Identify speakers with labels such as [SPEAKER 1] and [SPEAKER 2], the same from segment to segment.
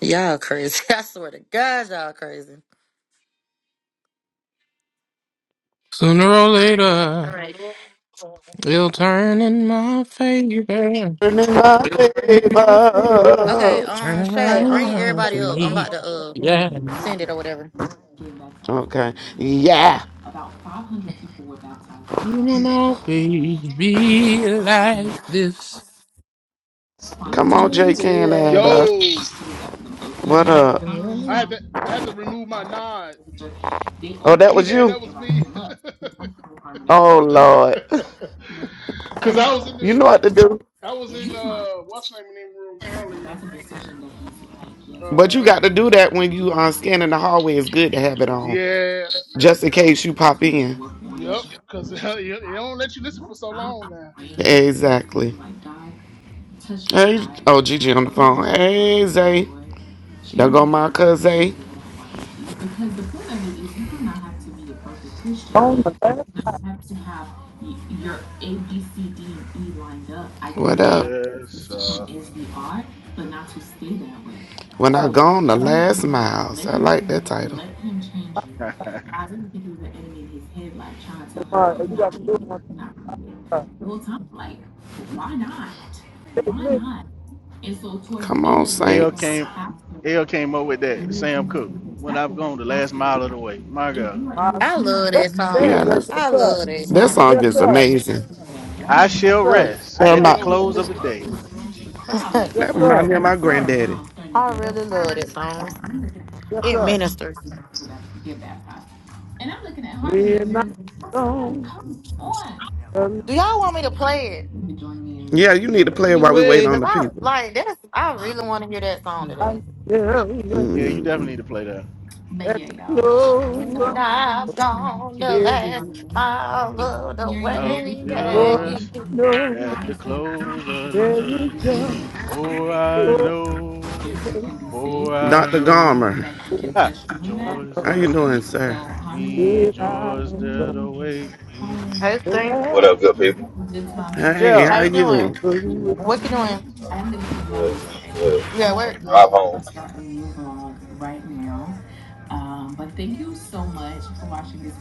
[SPEAKER 1] Y'all crazy. I swear to God, y'all crazy.
[SPEAKER 2] Sooner or
[SPEAKER 1] All
[SPEAKER 2] later,
[SPEAKER 1] right.
[SPEAKER 2] it'll turn in my favor.
[SPEAKER 3] Turning my
[SPEAKER 1] Okay,
[SPEAKER 3] favor.
[SPEAKER 2] Turn
[SPEAKER 1] um, Shay, bring
[SPEAKER 2] around for
[SPEAKER 1] everybody up. I'm
[SPEAKER 2] me.
[SPEAKER 1] about to uh
[SPEAKER 2] Yeah,
[SPEAKER 1] send it or whatever.
[SPEAKER 3] Okay. Yeah.
[SPEAKER 2] you won't always be like this.
[SPEAKER 3] Come on, Jake and
[SPEAKER 1] Yeah.
[SPEAKER 3] Amber.
[SPEAKER 4] Yo,
[SPEAKER 3] What up?
[SPEAKER 4] I had to I had to remove my nod.
[SPEAKER 3] Oh, that was
[SPEAKER 4] Yeah,
[SPEAKER 3] you?
[SPEAKER 4] that was me.
[SPEAKER 3] Oh, Lord.
[SPEAKER 4] Cause I was in
[SPEAKER 3] You know
[SPEAKER 4] the
[SPEAKER 3] what to do.
[SPEAKER 4] I was in uh what's the name of the room earlier.
[SPEAKER 3] But you
[SPEAKER 4] Uh
[SPEAKER 3] got to do that when you uh, scanning the hallway. It's good to have it on,
[SPEAKER 4] yeah,
[SPEAKER 3] just in case you pop in.
[SPEAKER 4] yep, yep. Cause you- they don't let you listen for so long now.
[SPEAKER 3] Exactly. Hey, oh Gigi on the phone. Hey Zay, there go my cousin.
[SPEAKER 5] On the last
[SPEAKER 3] What up?
[SPEAKER 6] Yes. Uh,
[SPEAKER 3] When I gone the last miles, I like that title.
[SPEAKER 5] part, you got to do it one time. Hey, Mick,
[SPEAKER 3] Come on,
[SPEAKER 6] AL
[SPEAKER 3] Saints.
[SPEAKER 6] came AL came up with that. Sam Cooke. When I've gone the last mile of the way. My God.
[SPEAKER 5] uh,
[SPEAKER 1] I love that
[SPEAKER 5] there
[SPEAKER 3] Yeah,
[SPEAKER 5] it
[SPEAKER 1] song.
[SPEAKER 5] goes.
[SPEAKER 3] that's
[SPEAKER 5] Yes,
[SPEAKER 1] I
[SPEAKER 5] sir.
[SPEAKER 1] love that
[SPEAKER 3] that
[SPEAKER 1] song.
[SPEAKER 3] song
[SPEAKER 5] Yes,
[SPEAKER 3] is
[SPEAKER 5] sir.
[SPEAKER 6] I
[SPEAKER 3] amazing.
[SPEAKER 5] Yes,
[SPEAKER 6] shall
[SPEAKER 5] sir.
[SPEAKER 6] rest
[SPEAKER 3] Well,
[SPEAKER 6] at the
[SPEAKER 3] not
[SPEAKER 6] close of the day.
[SPEAKER 5] Yes,
[SPEAKER 3] that remind
[SPEAKER 5] sir.
[SPEAKER 3] me of my granddaddy.
[SPEAKER 1] I really love that song.
[SPEAKER 5] Yes,
[SPEAKER 1] It
[SPEAKER 5] sir.
[SPEAKER 1] ministers.
[SPEAKER 5] We're not on
[SPEAKER 1] Do
[SPEAKER 5] the
[SPEAKER 1] y'all want me to play it?
[SPEAKER 3] Yeah, you need to play it while we wait on
[SPEAKER 5] way.
[SPEAKER 1] Cause
[SPEAKER 3] the
[SPEAKER 1] I
[SPEAKER 3] people.
[SPEAKER 1] like that's I really want to hear that song
[SPEAKER 5] I
[SPEAKER 1] today.
[SPEAKER 5] am
[SPEAKER 6] Yeah, you definitely need
[SPEAKER 3] mm
[SPEAKER 6] to play that.
[SPEAKER 5] at the close of
[SPEAKER 1] When I've gone the
[SPEAKER 5] the
[SPEAKER 1] last
[SPEAKER 5] day,
[SPEAKER 1] mile of the
[SPEAKER 6] I'll
[SPEAKER 1] way. yeah.
[SPEAKER 5] for I
[SPEAKER 6] rest
[SPEAKER 5] know
[SPEAKER 6] at the close of the
[SPEAKER 5] there
[SPEAKER 6] day.
[SPEAKER 5] is just
[SPEAKER 6] For I
[SPEAKER 5] one
[SPEAKER 6] know,
[SPEAKER 5] thing
[SPEAKER 6] for I
[SPEAKER 3] Dr.
[SPEAKER 6] know.
[SPEAKER 3] Garmer,
[SPEAKER 6] Ah,
[SPEAKER 5] I
[SPEAKER 6] joys
[SPEAKER 3] how
[SPEAKER 5] know.
[SPEAKER 3] you
[SPEAKER 6] that
[SPEAKER 3] doing, sir?
[SPEAKER 6] await me,
[SPEAKER 5] It
[SPEAKER 6] joys
[SPEAKER 5] I'm going
[SPEAKER 6] that await me
[SPEAKER 1] Hey,
[SPEAKER 5] to
[SPEAKER 6] when
[SPEAKER 1] Stink.
[SPEAKER 7] What
[SPEAKER 5] last
[SPEAKER 7] up,
[SPEAKER 6] I'm
[SPEAKER 7] good people?
[SPEAKER 3] Hey,
[SPEAKER 1] How
[SPEAKER 3] how
[SPEAKER 6] Jeff.
[SPEAKER 1] you
[SPEAKER 3] you?
[SPEAKER 1] doing?
[SPEAKER 5] for
[SPEAKER 1] What you doing?
[SPEAKER 7] Good. I'm good.
[SPEAKER 1] You at
[SPEAKER 7] On the
[SPEAKER 1] work?
[SPEAKER 7] drive home.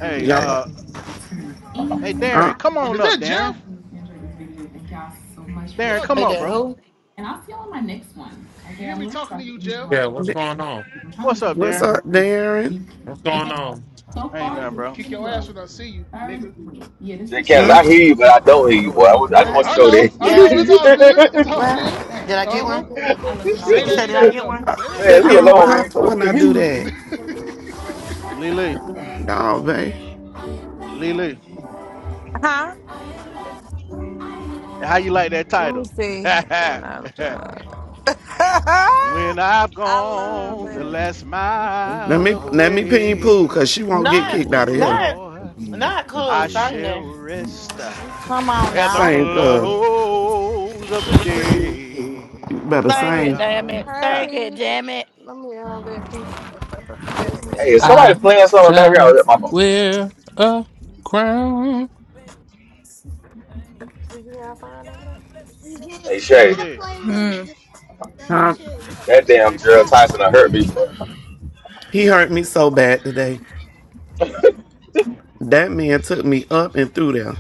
[SPEAKER 6] Hey,
[SPEAKER 3] Y'all,
[SPEAKER 6] uh Hey,
[SPEAKER 3] uh,
[SPEAKER 6] Darren, come
[SPEAKER 4] Is
[SPEAKER 6] on
[SPEAKER 4] that
[SPEAKER 6] up,
[SPEAKER 4] Jeff?
[SPEAKER 6] Darren.
[SPEAKER 4] What
[SPEAKER 6] Darren,
[SPEAKER 4] up,
[SPEAKER 6] come
[SPEAKER 1] Hey,
[SPEAKER 6] up,
[SPEAKER 4] nigga?
[SPEAKER 1] did
[SPEAKER 6] bro.
[SPEAKER 1] who?
[SPEAKER 4] You hear me talking to you, Jeff?
[SPEAKER 8] Yeah, what's going on?
[SPEAKER 6] What's up,
[SPEAKER 3] what's
[SPEAKER 6] Darren?
[SPEAKER 3] up, Darren?
[SPEAKER 8] What's going on?
[SPEAKER 4] All
[SPEAKER 6] Ain't
[SPEAKER 4] right,
[SPEAKER 6] nothing, bro.
[SPEAKER 4] kick your ass when I see you, nigga.
[SPEAKER 7] Shit, Cannon.
[SPEAKER 3] Hmm?
[SPEAKER 7] I hear you, but I don't hear you, boy. I, want- I just
[SPEAKER 3] What?
[SPEAKER 7] want you
[SPEAKER 4] I
[SPEAKER 7] to know
[SPEAKER 4] know, I
[SPEAKER 7] that.
[SPEAKER 4] know.
[SPEAKER 1] Yeah.
[SPEAKER 4] It's all good. It's all good.
[SPEAKER 3] What?
[SPEAKER 1] Did I get
[SPEAKER 4] Uh huh.
[SPEAKER 1] one?
[SPEAKER 4] Say
[SPEAKER 1] You
[SPEAKER 4] that
[SPEAKER 1] said, did I
[SPEAKER 4] energy
[SPEAKER 1] get
[SPEAKER 4] though.
[SPEAKER 1] one?
[SPEAKER 4] Say that
[SPEAKER 7] man,
[SPEAKER 3] That
[SPEAKER 1] Uh
[SPEAKER 7] leave it
[SPEAKER 3] give
[SPEAKER 4] energy.
[SPEAKER 1] huh.
[SPEAKER 3] me
[SPEAKER 7] alone,
[SPEAKER 1] Why?
[SPEAKER 7] man.
[SPEAKER 3] comfort when
[SPEAKER 7] Look
[SPEAKER 3] I
[SPEAKER 7] at
[SPEAKER 3] do
[SPEAKER 7] me.
[SPEAKER 3] that.
[SPEAKER 4] Okay.
[SPEAKER 6] Lily,
[SPEAKER 3] No, babe.
[SPEAKER 6] Lily,
[SPEAKER 9] Huh?
[SPEAKER 6] how you like that
[SPEAKER 9] Let me
[SPEAKER 6] title?
[SPEAKER 9] see when I'm done.
[SPEAKER 6] when I've
[SPEAKER 9] I love
[SPEAKER 6] gone the
[SPEAKER 9] that.
[SPEAKER 6] last
[SPEAKER 3] Let
[SPEAKER 6] mile
[SPEAKER 3] me
[SPEAKER 6] of the
[SPEAKER 3] let me pin
[SPEAKER 6] way,
[SPEAKER 3] Pooh, cause she won't get
[SPEAKER 1] Not,
[SPEAKER 3] kicked
[SPEAKER 6] oh
[SPEAKER 3] out of here.
[SPEAKER 1] not,
[SPEAKER 6] Lord,
[SPEAKER 1] not
[SPEAKER 6] I
[SPEAKER 1] cause
[SPEAKER 6] shall
[SPEAKER 1] singing.
[SPEAKER 6] rest at
[SPEAKER 9] Mm-hmm.
[SPEAKER 1] Come on
[SPEAKER 6] the
[SPEAKER 1] now.
[SPEAKER 3] Same cuz.
[SPEAKER 6] close of the day.
[SPEAKER 3] You better
[SPEAKER 1] Sing
[SPEAKER 6] My
[SPEAKER 1] it,
[SPEAKER 3] sing.
[SPEAKER 1] damn
[SPEAKER 6] God.
[SPEAKER 1] it.
[SPEAKER 9] Hey,
[SPEAKER 1] Sing
[SPEAKER 6] Ah,
[SPEAKER 1] it,
[SPEAKER 9] Peach.
[SPEAKER 1] damn it.
[SPEAKER 9] Let me uh, let Peach. Miss
[SPEAKER 7] Hey, if
[SPEAKER 9] Misty.
[SPEAKER 7] somebody
[SPEAKER 2] I
[SPEAKER 7] playing something in the
[SPEAKER 2] shall
[SPEAKER 7] background, that's my phone.
[SPEAKER 2] wear a crown.
[SPEAKER 9] Did you have fun over there? Yeah,
[SPEAKER 7] Hey,
[SPEAKER 9] and
[SPEAKER 7] Shay,
[SPEAKER 9] I
[SPEAKER 6] PJ,
[SPEAKER 9] play with
[SPEAKER 10] Hmm.
[SPEAKER 9] the goat
[SPEAKER 3] Huh?
[SPEAKER 9] too. But
[SPEAKER 7] that damn
[SPEAKER 6] hey
[SPEAKER 9] I'm
[SPEAKER 7] Gerald
[SPEAKER 6] sis,
[SPEAKER 9] not
[SPEAKER 7] Tyson done
[SPEAKER 9] showing
[SPEAKER 7] hurt
[SPEAKER 9] you
[SPEAKER 7] me, boy.
[SPEAKER 9] how.
[SPEAKER 3] He hurt me so bad today. That man took me up and through there.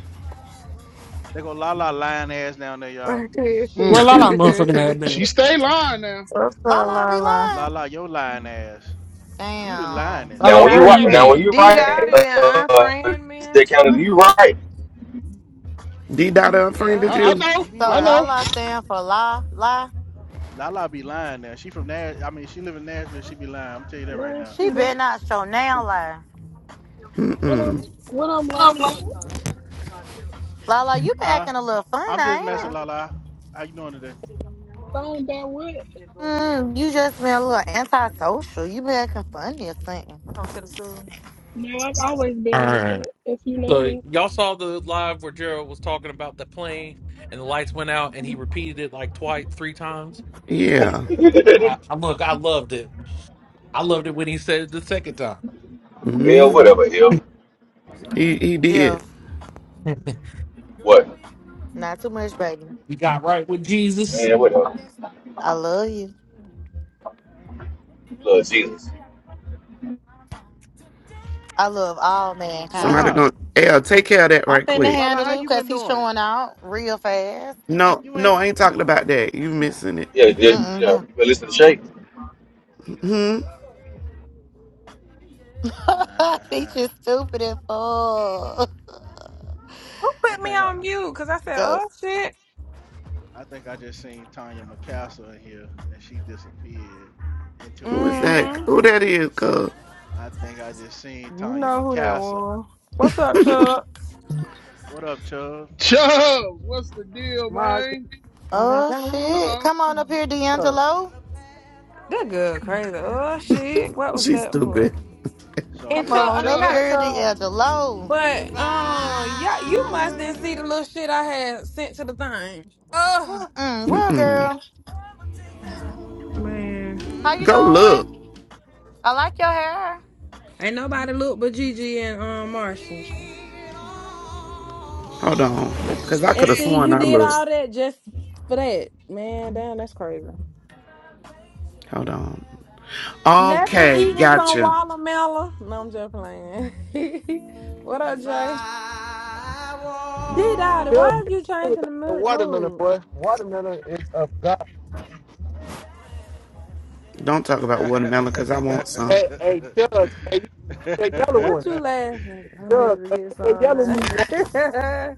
[SPEAKER 6] they go la la lying ass down there, y'all.
[SPEAKER 2] Where
[SPEAKER 4] Mm.
[SPEAKER 2] Lala motherfucking at,
[SPEAKER 4] She
[SPEAKER 2] man?
[SPEAKER 4] stay lying now.
[SPEAKER 9] What's up,
[SPEAKER 1] La
[SPEAKER 4] Shit.
[SPEAKER 1] la be
[SPEAKER 9] Lala?
[SPEAKER 6] La
[SPEAKER 1] lying.
[SPEAKER 6] la your lying ass. You the
[SPEAKER 1] Damn.
[SPEAKER 6] lioness.
[SPEAKER 7] Now,
[SPEAKER 2] Lala,
[SPEAKER 7] when you
[SPEAKER 2] where
[SPEAKER 7] wa-
[SPEAKER 2] you
[SPEAKER 7] now when
[SPEAKER 2] been?
[SPEAKER 9] Dang,
[SPEAKER 7] you
[SPEAKER 9] D
[SPEAKER 4] Mm.
[SPEAKER 7] right,
[SPEAKER 9] Dottie done
[SPEAKER 7] uh,
[SPEAKER 9] unfriend me and
[SPEAKER 7] Shit, Canada,
[SPEAKER 9] stuff.
[SPEAKER 7] you right.
[SPEAKER 3] D dot
[SPEAKER 9] Yep.
[SPEAKER 3] unfriended
[SPEAKER 4] I, I
[SPEAKER 3] you?
[SPEAKER 4] know.
[SPEAKER 6] You be
[SPEAKER 1] So
[SPEAKER 4] I
[SPEAKER 1] la
[SPEAKER 6] lying.
[SPEAKER 4] know.
[SPEAKER 1] la stand for la la.
[SPEAKER 6] Lala be lying now. She from Nash. I mean, she live in Nashville. She be lying. I'm tell you that right
[SPEAKER 11] Learn
[SPEAKER 6] now.
[SPEAKER 1] She
[SPEAKER 11] from what
[SPEAKER 1] better not show now lie.
[SPEAKER 11] what I'm what I'm lying about.
[SPEAKER 1] La la, you been
[SPEAKER 6] Huh?
[SPEAKER 1] acting a little funny,
[SPEAKER 6] I'm just messing,
[SPEAKER 1] ain't
[SPEAKER 9] Huh?
[SPEAKER 1] it?
[SPEAKER 6] Lala. How you doing today?
[SPEAKER 9] Come
[SPEAKER 11] Lying about what?
[SPEAKER 1] Mm, you just been a little antisocial. You been acting funny or something.
[SPEAKER 9] to the school.
[SPEAKER 11] No, I've always
[SPEAKER 8] All
[SPEAKER 11] been like
[SPEAKER 8] right.
[SPEAKER 11] that. If you know
[SPEAKER 8] So
[SPEAKER 11] me.
[SPEAKER 8] y'all saw the live where Gerald was talking about the plane and the lights went out and he repeated it like twice, three times.
[SPEAKER 3] Yeah.
[SPEAKER 8] I, I look, I loved it. I loved it when he said it the second time.
[SPEAKER 7] Yeah,
[SPEAKER 3] hmm
[SPEAKER 7] whatever, hell.
[SPEAKER 3] He he did.
[SPEAKER 1] Jeff,
[SPEAKER 7] What?
[SPEAKER 1] not too much, baby.
[SPEAKER 8] We got right with Jesus.
[SPEAKER 7] Man, whatever.
[SPEAKER 1] I love you.
[SPEAKER 7] Lord Jesus.
[SPEAKER 1] I love all
[SPEAKER 3] Somebody
[SPEAKER 1] mankind.
[SPEAKER 6] Lala,
[SPEAKER 3] gonna L take care of that
[SPEAKER 1] I'm
[SPEAKER 3] right
[SPEAKER 1] finna
[SPEAKER 3] quick.
[SPEAKER 6] Lala,
[SPEAKER 1] handle
[SPEAKER 6] how
[SPEAKER 1] him
[SPEAKER 6] you
[SPEAKER 1] because
[SPEAKER 6] been
[SPEAKER 1] he's
[SPEAKER 6] doing?
[SPEAKER 1] showing out real fast.
[SPEAKER 3] No,
[SPEAKER 6] You
[SPEAKER 3] no,
[SPEAKER 6] ain't.
[SPEAKER 3] I ain't talking about that. You missing it.
[SPEAKER 7] Yeah, yeah, yeah.
[SPEAKER 1] Mm-mm.
[SPEAKER 7] You better listen to Shay.
[SPEAKER 3] hmm
[SPEAKER 6] Uh
[SPEAKER 1] he
[SPEAKER 6] huh.
[SPEAKER 1] just stupid as fuck.
[SPEAKER 9] Who
[SPEAKER 6] I
[SPEAKER 9] put me
[SPEAKER 6] think I,
[SPEAKER 9] on mute? Cause I said,
[SPEAKER 1] Go.
[SPEAKER 9] "Oh shit."
[SPEAKER 6] I think I just seen Tanya McCastle in here, and she disappeared into her
[SPEAKER 3] Who is that?
[SPEAKER 9] Mm-hmm.
[SPEAKER 6] anon.
[SPEAKER 3] Who that is, cuz?
[SPEAKER 6] I think I just seen
[SPEAKER 9] You
[SPEAKER 6] Tanya
[SPEAKER 9] know who that
[SPEAKER 6] McCastle.
[SPEAKER 9] was. What's up, Chuck?
[SPEAKER 6] What up, Chubb?
[SPEAKER 4] Chubbs, what's the deal,
[SPEAKER 5] My
[SPEAKER 4] man?
[SPEAKER 9] What up?
[SPEAKER 1] Oh
[SPEAKER 4] Uh
[SPEAKER 9] girl?
[SPEAKER 1] shit!
[SPEAKER 4] uh
[SPEAKER 1] Come on up here,
[SPEAKER 5] God.
[SPEAKER 12] in
[SPEAKER 1] D'Angelo.
[SPEAKER 12] the
[SPEAKER 9] That good,
[SPEAKER 12] pathway
[SPEAKER 9] crazy. Oh shit.
[SPEAKER 12] of
[SPEAKER 9] What was
[SPEAKER 3] She's
[SPEAKER 9] that
[SPEAKER 12] duty.
[SPEAKER 9] for?
[SPEAKER 3] stupid.
[SPEAKER 9] And
[SPEAKER 1] Come
[SPEAKER 4] What
[SPEAKER 6] So.
[SPEAKER 9] Chuck,
[SPEAKER 4] up,
[SPEAKER 9] I
[SPEAKER 1] on
[SPEAKER 9] mean
[SPEAKER 1] up
[SPEAKER 9] not
[SPEAKER 1] here,
[SPEAKER 4] Chubbs?
[SPEAKER 9] Chuck,
[SPEAKER 1] D'Angelo.
[SPEAKER 12] And if
[SPEAKER 9] but
[SPEAKER 12] I
[SPEAKER 9] um, yeah, you must
[SPEAKER 12] were
[SPEAKER 9] didn't see the little shit I had sent to the thing.
[SPEAKER 1] Mm, well,
[SPEAKER 3] Mm-mm.
[SPEAKER 1] girl,
[SPEAKER 12] to
[SPEAKER 9] Man,
[SPEAKER 1] how you
[SPEAKER 3] Go
[SPEAKER 12] see
[SPEAKER 1] doing?
[SPEAKER 3] look.
[SPEAKER 1] I like your hair.
[SPEAKER 9] ain't nobody look but Gigi and
[SPEAKER 12] the
[SPEAKER 9] um
[SPEAKER 12] great
[SPEAKER 9] Marshall.
[SPEAKER 12] king in
[SPEAKER 3] Hold on.
[SPEAKER 12] all his
[SPEAKER 3] Because I could
[SPEAKER 9] And
[SPEAKER 3] have
[SPEAKER 12] beauty,
[SPEAKER 9] see,
[SPEAKER 3] sworn
[SPEAKER 9] you
[SPEAKER 3] I
[SPEAKER 9] did
[SPEAKER 3] looked.
[SPEAKER 9] all that just for that. Man, damn, that's crazy.
[SPEAKER 3] Hold on.
[SPEAKER 12] that's my.
[SPEAKER 9] Nothing
[SPEAKER 3] Okay,
[SPEAKER 9] eating some
[SPEAKER 3] gotcha.
[SPEAKER 9] watermelon. No, I'm just playing. what up,
[SPEAKER 12] If I
[SPEAKER 9] Jay? Did all that.
[SPEAKER 5] Tell
[SPEAKER 12] were
[SPEAKER 9] Why is you
[SPEAKER 5] me
[SPEAKER 9] changing the
[SPEAKER 5] about the
[SPEAKER 9] mood?
[SPEAKER 5] watermelon,
[SPEAKER 9] mood?
[SPEAKER 5] boy. Watermelon is of God.
[SPEAKER 3] Don't talk about watermelon because I want some.
[SPEAKER 5] Hey, hey, Doug! hey, you- that yellow one.
[SPEAKER 9] What you laughing at? I'm
[SPEAKER 5] Judge,
[SPEAKER 9] here to
[SPEAKER 5] hey,
[SPEAKER 9] get
[SPEAKER 5] that
[SPEAKER 9] some
[SPEAKER 5] yellow
[SPEAKER 9] now.
[SPEAKER 5] me one.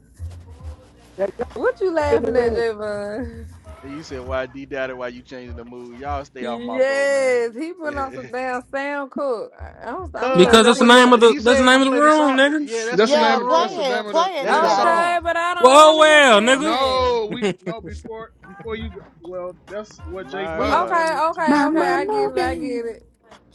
[SPEAKER 5] That yellow
[SPEAKER 9] what you
[SPEAKER 5] in the
[SPEAKER 9] laughing at,
[SPEAKER 5] ring.
[SPEAKER 9] Javon?
[SPEAKER 6] You said why D Daddy, why you changing the mood? Y'all stay off my bro, man.
[SPEAKER 9] Yes, he put on some damn sound cook. I- I'm, I'm
[SPEAKER 6] Cause
[SPEAKER 9] trying
[SPEAKER 2] Because
[SPEAKER 9] to
[SPEAKER 6] that
[SPEAKER 2] that's the
[SPEAKER 9] see
[SPEAKER 6] what
[SPEAKER 9] what.
[SPEAKER 6] it's
[SPEAKER 2] name of the
[SPEAKER 6] he
[SPEAKER 2] that's
[SPEAKER 6] said
[SPEAKER 2] the
[SPEAKER 6] he
[SPEAKER 2] name
[SPEAKER 6] gonna
[SPEAKER 2] of the
[SPEAKER 6] play the
[SPEAKER 2] room,
[SPEAKER 6] song.
[SPEAKER 2] nigga.
[SPEAKER 6] Yeah, that's the
[SPEAKER 4] That's the
[SPEAKER 6] name of
[SPEAKER 1] Yeah,
[SPEAKER 4] name.
[SPEAKER 6] the
[SPEAKER 4] Of, that's
[SPEAKER 6] room.
[SPEAKER 4] the
[SPEAKER 1] play
[SPEAKER 4] name
[SPEAKER 1] it,
[SPEAKER 4] of
[SPEAKER 1] play
[SPEAKER 4] the.
[SPEAKER 1] it,
[SPEAKER 6] That's
[SPEAKER 1] D
[SPEAKER 6] the
[SPEAKER 4] Yeah.
[SPEAKER 1] Daddy.
[SPEAKER 9] Okay,
[SPEAKER 6] song.
[SPEAKER 9] but I don't
[SPEAKER 2] Well,
[SPEAKER 9] want to hear
[SPEAKER 2] well,
[SPEAKER 9] Sam
[SPEAKER 2] nigga.
[SPEAKER 9] ass.
[SPEAKER 4] No, we
[SPEAKER 2] that
[SPEAKER 4] no before before you. Go, well, that's what
[SPEAKER 6] My
[SPEAKER 1] We,
[SPEAKER 4] Javon
[SPEAKER 6] God.
[SPEAKER 9] Okay,
[SPEAKER 4] wanted to be
[SPEAKER 9] okay, okay. I
[SPEAKER 4] played.
[SPEAKER 9] get it. I get it.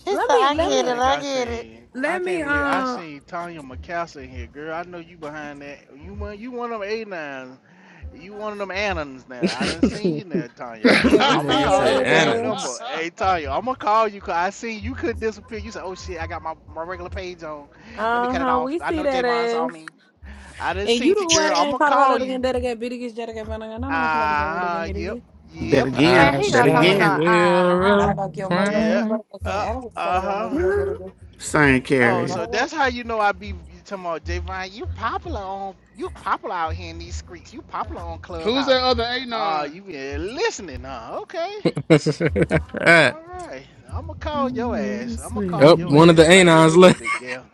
[SPEAKER 1] she said,
[SPEAKER 9] Let me,
[SPEAKER 1] I
[SPEAKER 9] let
[SPEAKER 6] I
[SPEAKER 1] get
[SPEAKER 9] me,
[SPEAKER 1] it,
[SPEAKER 6] think
[SPEAKER 1] I
[SPEAKER 6] I
[SPEAKER 1] get it.
[SPEAKER 6] seen I
[SPEAKER 9] let me.
[SPEAKER 6] can't believe I
[SPEAKER 9] Um,
[SPEAKER 6] seen Tanya McCaster in here, girl. I know you behind that. You one you one of them A9s. You one of them Annans now. I done seen you now, Tanya.
[SPEAKER 9] yeah, we
[SPEAKER 6] I'ma
[SPEAKER 9] seen
[SPEAKER 2] nigga
[SPEAKER 9] your
[SPEAKER 6] call
[SPEAKER 2] said
[SPEAKER 6] your
[SPEAKER 9] ugly
[SPEAKER 6] damn
[SPEAKER 9] ass.
[SPEAKER 6] number.
[SPEAKER 2] animus.
[SPEAKER 6] Hey Tanya,
[SPEAKER 4] Who's
[SPEAKER 6] I'ma call you 'cause I seen you couldn't disappear. You said, Oh shit, I got my, my regular page on. Let me
[SPEAKER 9] Uh
[SPEAKER 6] cut it
[SPEAKER 9] huh.
[SPEAKER 6] off.
[SPEAKER 9] We
[SPEAKER 6] I
[SPEAKER 9] see
[SPEAKER 6] know
[SPEAKER 9] that
[SPEAKER 6] Javon saw
[SPEAKER 9] ass.
[SPEAKER 6] me. I done
[SPEAKER 9] And you
[SPEAKER 6] seen you,
[SPEAKER 9] the one
[SPEAKER 6] girl.
[SPEAKER 9] that ain't
[SPEAKER 6] I'ma
[SPEAKER 9] caught all
[SPEAKER 6] call
[SPEAKER 9] that again.
[SPEAKER 6] you.
[SPEAKER 9] That again, bitty gets that again. Man, I don't wanna play that again. Bitty again,
[SPEAKER 6] Uh-huh.
[SPEAKER 9] bitty
[SPEAKER 6] Yep.
[SPEAKER 9] again.
[SPEAKER 3] Bet
[SPEAKER 6] Yep.
[SPEAKER 1] Man,
[SPEAKER 3] again.
[SPEAKER 2] I
[SPEAKER 1] he
[SPEAKER 3] Bet
[SPEAKER 1] gonna tell me
[SPEAKER 2] shall
[SPEAKER 3] again.
[SPEAKER 1] something. Uh
[SPEAKER 2] wear
[SPEAKER 1] huh.
[SPEAKER 9] Not
[SPEAKER 2] a
[SPEAKER 9] about kill mother go to
[SPEAKER 6] Yep.
[SPEAKER 2] crown.
[SPEAKER 9] fucking
[SPEAKER 6] Uh
[SPEAKER 9] animal. Start again. No,
[SPEAKER 6] uh-huh.
[SPEAKER 9] again, bitty again.
[SPEAKER 3] Same
[SPEAKER 9] Yeah,
[SPEAKER 6] Oh,
[SPEAKER 9] cut
[SPEAKER 3] carrier.
[SPEAKER 6] so
[SPEAKER 9] it.
[SPEAKER 6] that's how you know I be you talking about Javon, you popular on you popular out here in these streets. You popular on Clubhouse.
[SPEAKER 4] that other
[SPEAKER 6] Uh
[SPEAKER 4] Anon?
[SPEAKER 6] you been listening, huh? Okay.
[SPEAKER 2] oh,
[SPEAKER 6] All right. I'm gonna call your ass. I'm gonna call your
[SPEAKER 2] one of the
[SPEAKER 6] ass right
[SPEAKER 4] Hey,
[SPEAKER 6] here in a
[SPEAKER 4] y'all,
[SPEAKER 2] anons
[SPEAKER 6] little
[SPEAKER 2] left.
[SPEAKER 6] bit, Gail.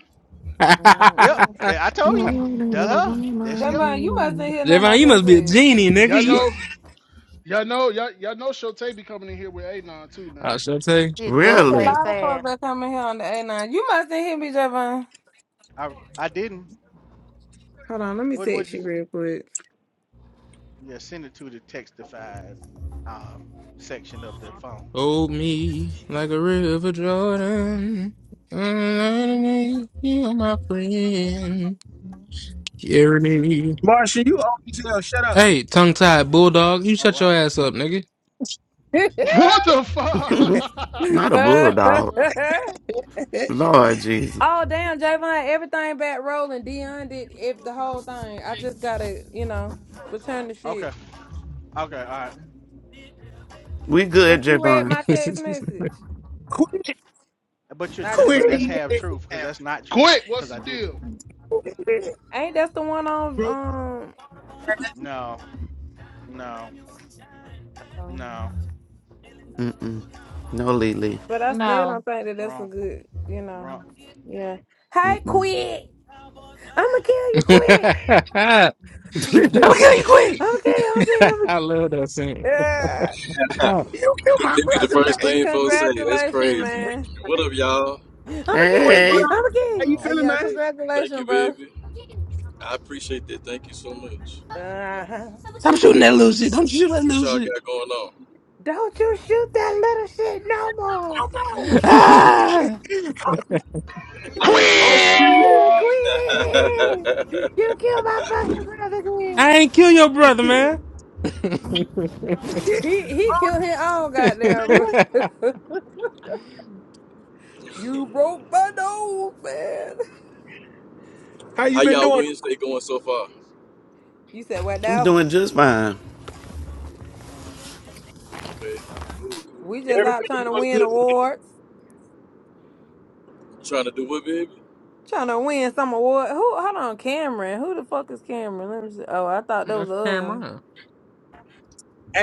[SPEAKER 6] Yep.
[SPEAKER 9] Mm
[SPEAKER 6] There, I told you. That's her. There she
[SPEAKER 9] Jumbo,
[SPEAKER 6] go.
[SPEAKER 9] you mustn't hear nothing I
[SPEAKER 2] Javon, you
[SPEAKER 9] just
[SPEAKER 2] must be a
[SPEAKER 9] said.
[SPEAKER 2] genie, nigga.
[SPEAKER 4] y'all
[SPEAKER 6] Yes,
[SPEAKER 2] You-
[SPEAKER 6] I.
[SPEAKER 4] know. Y'all know. Y'all, y'all know. Shotay be coming in here with Anon too now.
[SPEAKER 2] I shall take
[SPEAKER 1] You duck
[SPEAKER 9] It's a
[SPEAKER 3] Really?
[SPEAKER 1] face
[SPEAKER 9] lot of folks
[SPEAKER 1] ass.
[SPEAKER 9] that come in here on the A9. You mustn't hear me, Javon.
[SPEAKER 6] I, I didn't.
[SPEAKER 9] Hold on, let me
[SPEAKER 6] What? What
[SPEAKER 9] text
[SPEAKER 6] you?
[SPEAKER 9] you real quick.
[SPEAKER 6] Yeah, send it to the textified um, section of the phone.
[SPEAKER 2] hold me like a river Jordan. You're my friend. Carry me.
[SPEAKER 5] Marsha, you old as hell. Shut up.
[SPEAKER 2] Hey, tongue tied bulldog, you
[SPEAKER 6] Oh
[SPEAKER 2] shut your
[SPEAKER 6] wow.
[SPEAKER 2] ass up, nigga.
[SPEAKER 4] What the fuck?
[SPEAKER 3] Not a
[SPEAKER 9] oh
[SPEAKER 3] bulldog. Lord Jesus.
[SPEAKER 9] damn, Javon, everything back rolling. Dion did if the whole thing. I just gotta, you know, return the shit.
[SPEAKER 6] Okay. Okay. All right.
[SPEAKER 3] We good,
[SPEAKER 9] But you read
[SPEAKER 3] Javon.
[SPEAKER 2] I'm
[SPEAKER 9] my text message.
[SPEAKER 5] Quit.
[SPEAKER 6] But you're.
[SPEAKER 9] I
[SPEAKER 6] Te-
[SPEAKER 5] Quit.
[SPEAKER 9] do
[SPEAKER 6] but that's
[SPEAKER 9] need.
[SPEAKER 6] half truth because
[SPEAKER 1] Have-
[SPEAKER 6] that's not true
[SPEAKER 4] Quick, what's
[SPEAKER 6] because
[SPEAKER 4] the
[SPEAKER 6] I didn't.
[SPEAKER 4] deal?
[SPEAKER 9] Ain't that's the one on
[SPEAKER 5] You
[SPEAKER 9] um.
[SPEAKER 6] No. No.
[SPEAKER 9] um,
[SPEAKER 6] No.
[SPEAKER 3] Mm-mm. No Lily.
[SPEAKER 9] But I still
[SPEAKER 1] No.
[SPEAKER 9] don't think that that's a
[SPEAKER 6] Wrong.
[SPEAKER 9] good, you know.
[SPEAKER 6] Wrong.
[SPEAKER 9] Yeah. Hey,
[SPEAKER 3] Mm-mm.
[SPEAKER 9] quick! I'ma kill you
[SPEAKER 2] gonna
[SPEAKER 9] quick.
[SPEAKER 2] kill you quick.
[SPEAKER 9] okay, okay, I'm.
[SPEAKER 2] I love that scene.
[SPEAKER 9] Yeah.
[SPEAKER 13] that
[SPEAKER 5] my
[SPEAKER 13] be the
[SPEAKER 5] brother, man.
[SPEAKER 13] first
[SPEAKER 9] And
[SPEAKER 13] thing folks say. That's
[SPEAKER 9] congratulations,
[SPEAKER 13] crazy.
[SPEAKER 9] man.
[SPEAKER 13] What up, y'all?
[SPEAKER 9] I'm a
[SPEAKER 5] Quit.
[SPEAKER 9] king.
[SPEAKER 5] What
[SPEAKER 3] hey,
[SPEAKER 5] up?
[SPEAKER 9] I'm a
[SPEAKER 5] How
[SPEAKER 6] Hold
[SPEAKER 9] king.
[SPEAKER 5] you
[SPEAKER 9] Uh,
[SPEAKER 6] on.
[SPEAKER 5] feeling,
[SPEAKER 9] yeah,
[SPEAKER 5] man?
[SPEAKER 13] Thank
[SPEAKER 9] congratulations,
[SPEAKER 13] you,
[SPEAKER 9] bro.
[SPEAKER 13] baby. I appreciate that. Thank you so much.
[SPEAKER 9] Uh-huh.
[SPEAKER 2] Stop shooting that little shit. Don't you shoot that
[SPEAKER 13] What
[SPEAKER 2] little
[SPEAKER 13] y'all
[SPEAKER 2] shit.
[SPEAKER 13] got going
[SPEAKER 9] Don't you shoot that little shit no more.
[SPEAKER 5] Oh,
[SPEAKER 2] Ah,
[SPEAKER 5] no. Oh,
[SPEAKER 4] Quick!
[SPEAKER 9] Oh,
[SPEAKER 13] on?
[SPEAKER 9] Queen, you killed my fucking brother, Queen.
[SPEAKER 2] I ain't kill your brother,
[SPEAKER 5] man.
[SPEAKER 2] man.
[SPEAKER 9] He he
[SPEAKER 5] oh
[SPEAKER 9] killed his own goddamn
[SPEAKER 5] man.
[SPEAKER 9] bro. you broke my nose, man.
[SPEAKER 5] How you
[SPEAKER 13] How
[SPEAKER 5] been
[SPEAKER 13] y'all
[SPEAKER 5] doing?
[SPEAKER 13] Wednesday going so far?
[SPEAKER 9] You said what
[SPEAKER 3] I'm
[SPEAKER 9] now?
[SPEAKER 3] doing just fine.
[SPEAKER 13] Okay. Cool, cool,
[SPEAKER 9] We
[SPEAKER 13] cool.
[SPEAKER 9] just out
[SPEAKER 5] Everything
[SPEAKER 9] trying to
[SPEAKER 5] going
[SPEAKER 13] That's
[SPEAKER 9] win
[SPEAKER 13] what's
[SPEAKER 5] good,
[SPEAKER 13] up.
[SPEAKER 5] man.
[SPEAKER 9] awards.
[SPEAKER 13] Trying to do what, baby?
[SPEAKER 9] Trying to win some award. Who? Hold on, Cameron. Who the fuck is Cameron? Let me see. Oh, I thought that was
[SPEAKER 2] That's
[SPEAKER 9] the other one.
[SPEAKER 2] Cameron.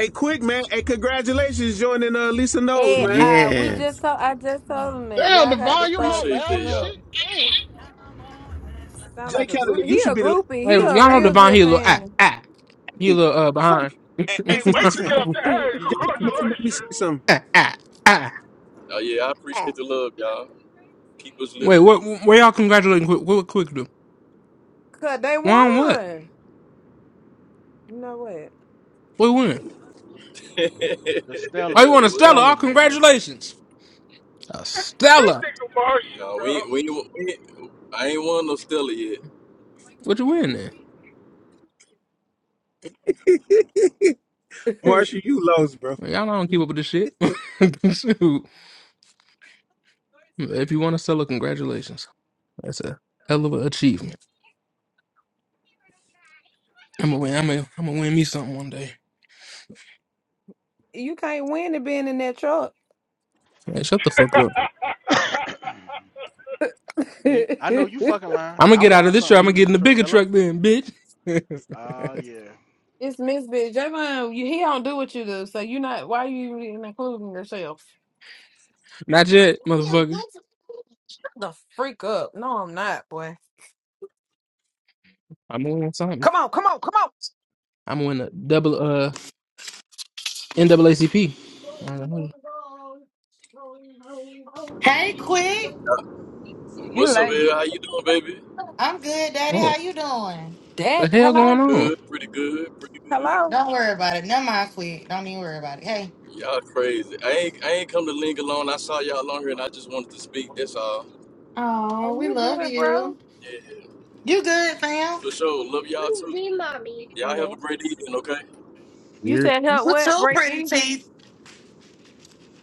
[SPEAKER 5] Hey, quick, man. Hey, congratulations joining uh, Lisa Knowles,
[SPEAKER 9] Hey,
[SPEAKER 5] man.
[SPEAKER 9] uh, we just
[SPEAKER 3] Yes.
[SPEAKER 9] told I just told him that
[SPEAKER 4] Damn,
[SPEAKER 9] y'all got to
[SPEAKER 4] Devon, you
[SPEAKER 9] start
[SPEAKER 4] all
[SPEAKER 13] Appreciate
[SPEAKER 4] loud
[SPEAKER 13] that,
[SPEAKER 9] keeping
[SPEAKER 4] as
[SPEAKER 13] y'all.
[SPEAKER 4] shit.
[SPEAKER 9] up.
[SPEAKER 4] Damn.
[SPEAKER 9] Sound
[SPEAKER 5] Jay
[SPEAKER 9] like a
[SPEAKER 5] Kennedy,
[SPEAKER 9] group.
[SPEAKER 5] you
[SPEAKER 9] He
[SPEAKER 5] should
[SPEAKER 9] a
[SPEAKER 5] be the last
[SPEAKER 9] groupie.
[SPEAKER 2] Hey,
[SPEAKER 9] He
[SPEAKER 5] to
[SPEAKER 2] y'all
[SPEAKER 5] come
[SPEAKER 9] a
[SPEAKER 2] know
[SPEAKER 9] real
[SPEAKER 5] somebody.
[SPEAKER 2] Devon,
[SPEAKER 9] good
[SPEAKER 2] he a little ah,
[SPEAKER 9] fan.
[SPEAKER 2] ah. He a little uh,
[SPEAKER 5] Fuck.
[SPEAKER 2] behind.
[SPEAKER 5] Hey, hey,
[SPEAKER 4] Can't wait
[SPEAKER 5] forget
[SPEAKER 4] to
[SPEAKER 5] you,
[SPEAKER 4] get
[SPEAKER 5] man.
[SPEAKER 4] up there. Hey,
[SPEAKER 5] You just almost made me say
[SPEAKER 4] congratulations.
[SPEAKER 5] something.
[SPEAKER 2] ah, ah, ah.
[SPEAKER 13] Oh, yeah, I appreciate the love, y'all. Keep us
[SPEAKER 2] Wait,
[SPEAKER 13] lifted.
[SPEAKER 2] what, where y'all congratulating Quick, what, Quick do?
[SPEAKER 9] Cause they
[SPEAKER 2] Won what?
[SPEAKER 9] won. You know
[SPEAKER 2] What win?
[SPEAKER 6] The Stella.
[SPEAKER 2] Why you won
[SPEAKER 6] The
[SPEAKER 2] a Stella?
[SPEAKER 13] what?
[SPEAKER 6] Stella
[SPEAKER 2] All
[SPEAKER 6] nigga.
[SPEAKER 2] congratulations. A
[SPEAKER 4] That
[SPEAKER 2] Stella.
[SPEAKER 4] nigga Martian,
[SPEAKER 13] No, we ain't, we,
[SPEAKER 4] bro.
[SPEAKER 13] ain't, we ain't, I ain't won no Stella yet.
[SPEAKER 2] What you win then?
[SPEAKER 9] what?
[SPEAKER 5] Marsha, you lost, bro.
[SPEAKER 2] Y'all don't keep up with this shit. Shoot. If you want a Stella, congratulations. That's a hell of an achievement. I'm gonna win. I'm gonna, I'm gonna win me something one day.
[SPEAKER 9] you can't win it being in that truck.
[SPEAKER 2] Hey, shut the fuck up.
[SPEAKER 6] You, I know you
[SPEAKER 9] it's
[SPEAKER 6] fucking lying.
[SPEAKER 2] I'm gonna
[SPEAKER 6] I
[SPEAKER 2] get out of
[SPEAKER 6] won
[SPEAKER 2] this
[SPEAKER 6] something
[SPEAKER 2] truck. I'm gonna
[SPEAKER 6] being in
[SPEAKER 2] get
[SPEAKER 6] the
[SPEAKER 2] in the
[SPEAKER 6] truck.
[SPEAKER 2] bigger
[SPEAKER 6] Hello.
[SPEAKER 2] truck then, bitch.
[SPEAKER 6] Oh yeah.
[SPEAKER 9] Miss Bitch. Javon, you, he don't do what you do, so you not. Why you even including yourself?
[SPEAKER 2] Not yet, motherfucker.
[SPEAKER 9] Shut the freak up. No, I'm not, boy.
[SPEAKER 2] I'm gonna win something. I'm gonna win a double uh NAACP. I don't know.
[SPEAKER 1] Hey, Quick.
[SPEAKER 9] You
[SPEAKER 13] What's up,
[SPEAKER 9] like
[SPEAKER 13] Ed? How you doing, baby?
[SPEAKER 1] I'm good, Daddy. How
[SPEAKER 2] Oh,
[SPEAKER 1] you doing?
[SPEAKER 9] that?
[SPEAKER 2] the hell
[SPEAKER 13] Pretty
[SPEAKER 2] going
[SPEAKER 9] Hello,
[SPEAKER 2] on?
[SPEAKER 13] good, pretty good, pretty good.
[SPEAKER 9] hello.
[SPEAKER 1] Don't worry about it. Never mind, Quick. Don't even worry about it. Hey.
[SPEAKER 13] Y'all crazy. I ain't I ain't come to link alone. I saw y'all longer and I just wanted to speak. That's all.
[SPEAKER 9] Are
[SPEAKER 1] Oh, we
[SPEAKER 9] you
[SPEAKER 1] love
[SPEAKER 9] good, bro?
[SPEAKER 1] you.
[SPEAKER 13] Yeah,
[SPEAKER 1] You good, fam?
[SPEAKER 13] for sure. Love y'all too.
[SPEAKER 9] be mommy.
[SPEAKER 13] Y'all
[SPEAKER 9] in
[SPEAKER 13] have
[SPEAKER 9] there.
[SPEAKER 13] a great evening, okay?
[SPEAKER 9] You
[SPEAKER 2] Weird.
[SPEAKER 9] said help
[SPEAKER 1] You
[SPEAKER 9] what?
[SPEAKER 1] too,
[SPEAKER 9] Break
[SPEAKER 1] pretty
[SPEAKER 9] Asian.
[SPEAKER 1] teeth.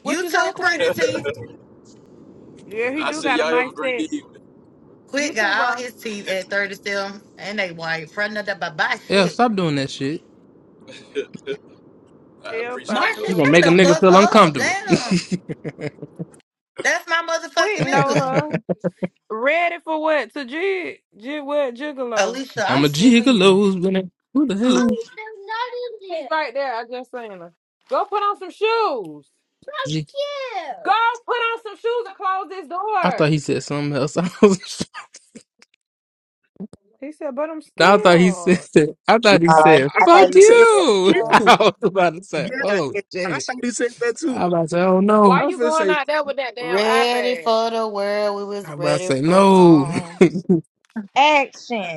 [SPEAKER 9] What
[SPEAKER 1] You
[SPEAKER 9] you say,
[SPEAKER 1] too, pretty
[SPEAKER 9] Quit?
[SPEAKER 1] teeth.
[SPEAKER 9] Yeah, he
[SPEAKER 13] I
[SPEAKER 9] do
[SPEAKER 13] said
[SPEAKER 9] got a
[SPEAKER 13] y'all have a
[SPEAKER 9] nice
[SPEAKER 13] great
[SPEAKER 9] set.
[SPEAKER 13] evening.
[SPEAKER 1] Quick
[SPEAKER 9] You too,
[SPEAKER 1] got
[SPEAKER 9] bro.
[SPEAKER 1] all his teeth at 37, and they white. Front of the bye-bye
[SPEAKER 2] Yeah,
[SPEAKER 1] shit.
[SPEAKER 2] stop doing that shit.
[SPEAKER 13] I
[SPEAKER 9] He'll
[SPEAKER 13] appreciate
[SPEAKER 9] stop
[SPEAKER 13] the
[SPEAKER 1] Marcia,
[SPEAKER 2] You
[SPEAKER 9] doing
[SPEAKER 2] gonna
[SPEAKER 1] shut
[SPEAKER 13] love.
[SPEAKER 2] make a
[SPEAKER 1] the
[SPEAKER 2] nigga
[SPEAKER 1] fuck
[SPEAKER 2] feel
[SPEAKER 9] that.
[SPEAKER 1] up.
[SPEAKER 2] uncomfortable.
[SPEAKER 1] Damn. That's my
[SPEAKER 9] Quick
[SPEAKER 1] motherfucking
[SPEAKER 9] know
[SPEAKER 1] nigga.
[SPEAKER 9] her. Ready for what? To jig? Jig what? Gigolo.
[SPEAKER 1] Alicia,
[SPEAKER 2] I'm
[SPEAKER 1] I'm
[SPEAKER 2] a
[SPEAKER 1] sick of you.
[SPEAKER 2] gigolo. Who the hell?
[SPEAKER 9] there. She's right there. I just seen her. Go put on some shoes.
[SPEAKER 2] G-
[SPEAKER 9] Yeah. Go put on some shoes and close this
[SPEAKER 2] I thought
[SPEAKER 9] door.
[SPEAKER 2] he said something else.
[SPEAKER 9] He said, but I'm
[SPEAKER 2] I thought he said,
[SPEAKER 9] scared.
[SPEAKER 2] I thought he
[SPEAKER 5] I
[SPEAKER 14] Sorry.
[SPEAKER 2] said,
[SPEAKER 14] I
[SPEAKER 5] thought
[SPEAKER 14] thought
[SPEAKER 2] fuck
[SPEAKER 5] he
[SPEAKER 14] you
[SPEAKER 5] said
[SPEAKER 14] said
[SPEAKER 5] fuck
[SPEAKER 2] you.
[SPEAKER 9] Oh,
[SPEAKER 14] everything.
[SPEAKER 2] I
[SPEAKER 5] you.
[SPEAKER 2] was about to say,
[SPEAKER 5] Yeah,
[SPEAKER 2] oh,
[SPEAKER 5] and I
[SPEAKER 2] jeez.
[SPEAKER 5] thought he said that too.
[SPEAKER 2] I was about to say, oh,
[SPEAKER 9] Why
[SPEAKER 2] no.
[SPEAKER 5] I was
[SPEAKER 9] you
[SPEAKER 5] finna
[SPEAKER 9] going
[SPEAKER 5] say
[SPEAKER 9] out there with that damn
[SPEAKER 1] Ready
[SPEAKER 9] iPad?
[SPEAKER 1] for the world. We was
[SPEAKER 2] I was about to
[SPEAKER 1] ready
[SPEAKER 2] say,
[SPEAKER 1] for
[SPEAKER 2] no.
[SPEAKER 1] some.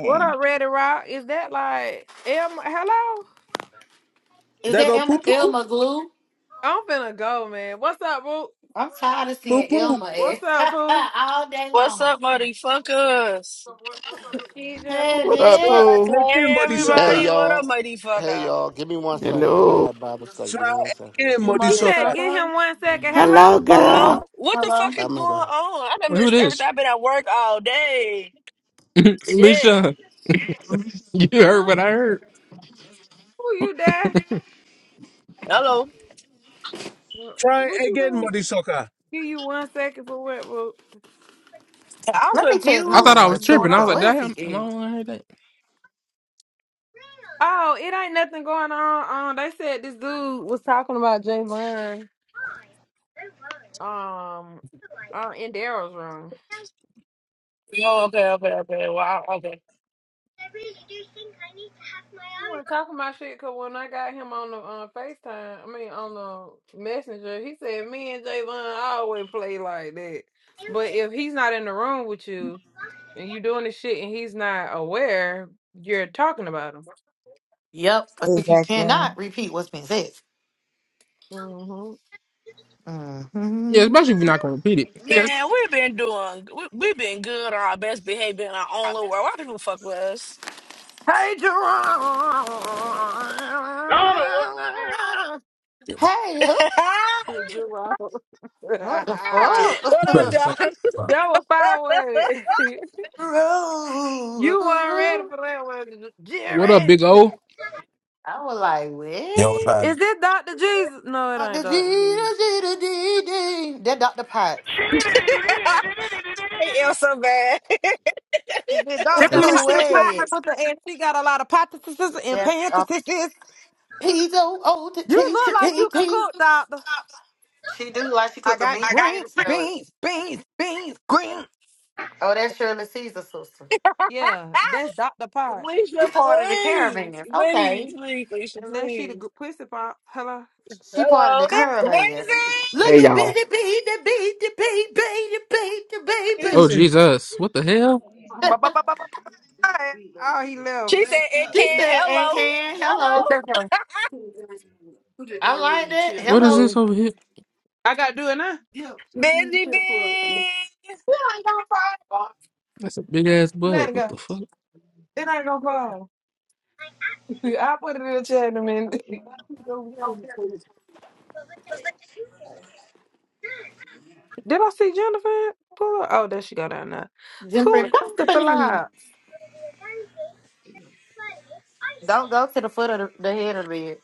[SPEAKER 9] What up, Ready Rock? Is that like Em? Hello?
[SPEAKER 1] Is
[SPEAKER 5] there
[SPEAKER 1] that
[SPEAKER 5] go
[SPEAKER 1] Elma,
[SPEAKER 5] poo poo,
[SPEAKER 1] Elma Glue?
[SPEAKER 9] I'm finna go, man. What's up, boo?
[SPEAKER 1] I'm tired of
[SPEAKER 5] poo
[SPEAKER 1] seeing
[SPEAKER 5] poo.
[SPEAKER 1] Elma
[SPEAKER 9] What's up,
[SPEAKER 1] ass
[SPEAKER 9] boo?
[SPEAKER 1] all day
[SPEAKER 15] What's
[SPEAKER 1] long.
[SPEAKER 15] up, mighty fuckers?
[SPEAKER 9] She just
[SPEAKER 1] Hey,
[SPEAKER 9] called.
[SPEAKER 3] What up,
[SPEAKER 1] bitch.
[SPEAKER 3] Pooh?
[SPEAKER 5] Try again,
[SPEAKER 15] Hey,
[SPEAKER 5] muddy
[SPEAKER 16] Hey
[SPEAKER 15] everybody.
[SPEAKER 5] sucker.
[SPEAKER 15] What up,
[SPEAKER 16] y'all.
[SPEAKER 15] mighty
[SPEAKER 16] Hey
[SPEAKER 15] fucker?
[SPEAKER 16] y'all. Give me one second because I'm
[SPEAKER 3] Hello.
[SPEAKER 16] at Bible study. Give
[SPEAKER 5] Try
[SPEAKER 16] me one second.
[SPEAKER 5] again,
[SPEAKER 1] You
[SPEAKER 5] muddy
[SPEAKER 9] He
[SPEAKER 1] mother that
[SPEAKER 9] said,
[SPEAKER 5] sucker.
[SPEAKER 9] "Get
[SPEAKER 1] circle?
[SPEAKER 9] him one second."
[SPEAKER 3] Hello,
[SPEAKER 9] Hello,
[SPEAKER 3] girl.
[SPEAKER 15] Hello? What the
[SPEAKER 1] Hello?
[SPEAKER 15] fuck is going
[SPEAKER 16] I'm at Bi-
[SPEAKER 15] on? I done
[SPEAKER 2] Well, who
[SPEAKER 15] missed
[SPEAKER 2] this?
[SPEAKER 15] everything. I've been at work all day. Shit.
[SPEAKER 2] Alicia, you heard
[SPEAKER 9] huh?
[SPEAKER 2] what I heard.
[SPEAKER 9] Who you there?
[SPEAKER 15] Hello?
[SPEAKER 9] What
[SPEAKER 5] Try
[SPEAKER 9] what you
[SPEAKER 5] again,
[SPEAKER 9] gonna
[SPEAKER 5] muddy sucker.
[SPEAKER 9] give you one second for what, boo?
[SPEAKER 15] I'm
[SPEAKER 1] Let me test
[SPEAKER 2] I
[SPEAKER 1] my
[SPEAKER 2] thought
[SPEAKER 15] confused.
[SPEAKER 1] little
[SPEAKER 2] I was
[SPEAKER 1] one,
[SPEAKER 15] What's
[SPEAKER 1] too,
[SPEAKER 15] going
[SPEAKER 2] tripping. I was
[SPEAKER 1] because
[SPEAKER 2] like,
[SPEAKER 1] where
[SPEAKER 15] on?
[SPEAKER 1] is
[SPEAKER 2] damn, am I the
[SPEAKER 1] he at?
[SPEAKER 2] one who heard that?
[SPEAKER 9] Oh, it ain't nothing going on. Um, they said this dude was talking about Javon. Um, uh, in Daryl's room.
[SPEAKER 15] Oh, okay, okay, okay. Wow, okay.
[SPEAKER 9] You weren't talking about shit because when I got him on the uh, FaceTime, I mean on the messenger, he said me and Javon always play like that. But if he's not in the room with you and you doing this shit and he's not aware, you're talking about him.
[SPEAKER 1] Yep. If you
[SPEAKER 14] Exactly.
[SPEAKER 1] cannot repeat what's been said.
[SPEAKER 9] hmm
[SPEAKER 2] Yeah,
[SPEAKER 1] hmm
[SPEAKER 2] especially if you're not going to repeat it.
[SPEAKER 15] Man, we've been doing, we, we've been good on our best behavior in our own little world. Why people fuck with us?
[SPEAKER 9] Hey Jerome,
[SPEAKER 4] Donna wants
[SPEAKER 1] Hey, who?
[SPEAKER 9] Jerome,
[SPEAKER 1] What the
[SPEAKER 9] that
[SPEAKER 1] fuck?
[SPEAKER 15] what
[SPEAKER 17] You
[SPEAKER 15] up,
[SPEAKER 17] better say
[SPEAKER 15] dog?
[SPEAKER 17] fuck.
[SPEAKER 9] was fire.
[SPEAKER 15] I
[SPEAKER 1] Bro.
[SPEAKER 9] you weren't ready for that one,
[SPEAKER 2] What up,
[SPEAKER 9] Jared.
[SPEAKER 2] big O?
[SPEAKER 1] I was like,
[SPEAKER 17] You know what I'm saying?
[SPEAKER 1] wait.
[SPEAKER 9] Is it Dr. Jesus? No, it ain't
[SPEAKER 1] Dr. G,
[SPEAKER 9] Dr. Jesus.
[SPEAKER 1] the G, the D, D. That Dr. Potts.
[SPEAKER 4] to
[SPEAKER 15] hate you
[SPEAKER 4] see.
[SPEAKER 15] so bad.
[SPEAKER 9] Is it Dr.
[SPEAKER 2] That's
[SPEAKER 9] Pot? It pot
[SPEAKER 1] wait.
[SPEAKER 9] the and she got a lot of potassises and
[SPEAKER 1] That's uh,
[SPEAKER 9] pancreases.
[SPEAKER 1] Peas on old, to
[SPEAKER 9] You
[SPEAKER 1] tea
[SPEAKER 9] look
[SPEAKER 1] to
[SPEAKER 9] like
[SPEAKER 1] P's O O T T T
[SPEAKER 9] you could
[SPEAKER 1] T T.
[SPEAKER 9] cook, Doctor.
[SPEAKER 1] She do like she
[SPEAKER 9] I
[SPEAKER 1] cook a mean
[SPEAKER 9] got
[SPEAKER 1] I got- potato
[SPEAKER 9] greens,
[SPEAKER 1] salad.
[SPEAKER 9] beans, beans, beans, greens.
[SPEAKER 1] Oh, that's Shirley Caesar sister.
[SPEAKER 9] Yeah, that's Dr. Pot.
[SPEAKER 15] Felicia,
[SPEAKER 1] She part of the
[SPEAKER 15] please,
[SPEAKER 1] caravans. Okay.
[SPEAKER 15] please, please, Felicia,
[SPEAKER 9] Unless she the
[SPEAKER 15] please.
[SPEAKER 9] gr- pussy pot. Hello.
[SPEAKER 1] She part of the
[SPEAKER 15] Hello.
[SPEAKER 9] That's a bit-
[SPEAKER 1] caravans.
[SPEAKER 15] Busy.
[SPEAKER 1] Look at Busy Bee, the bee, the bee, bee, the bee, the
[SPEAKER 2] Oh
[SPEAKER 1] baby.
[SPEAKER 5] Easy.
[SPEAKER 2] Jesus! What the hell?
[SPEAKER 9] ba- ba- ba- ba- ba. Oh, he left.
[SPEAKER 15] She
[SPEAKER 9] Hey,
[SPEAKER 15] said it
[SPEAKER 9] cut,
[SPEAKER 1] She
[SPEAKER 15] can.
[SPEAKER 9] bitch.
[SPEAKER 1] said, and
[SPEAKER 15] Hello.
[SPEAKER 1] can,
[SPEAKER 15] Hello.
[SPEAKER 9] What
[SPEAKER 1] hello.
[SPEAKER 9] that for?
[SPEAKER 1] I like that.
[SPEAKER 2] What is
[SPEAKER 1] Hello.
[SPEAKER 2] this
[SPEAKER 9] Oh,
[SPEAKER 2] over here?
[SPEAKER 9] I gotta do it now. Yeah, put it in the
[SPEAKER 15] Busy
[SPEAKER 9] chair for. It
[SPEAKER 15] bee.
[SPEAKER 9] ain't gonna fall.
[SPEAKER 2] That's a big ass
[SPEAKER 9] Let
[SPEAKER 2] bug.
[SPEAKER 9] it
[SPEAKER 2] What
[SPEAKER 9] go.
[SPEAKER 2] the fuck?
[SPEAKER 9] It ain't gonna fall. I put it in the chat in a minute. Did I see Jennifer? Pull up? Oh, there she go down there. Who
[SPEAKER 1] Different
[SPEAKER 9] is the
[SPEAKER 1] company.
[SPEAKER 9] fly?
[SPEAKER 1] Don't go to the foot of the, the head of the bed.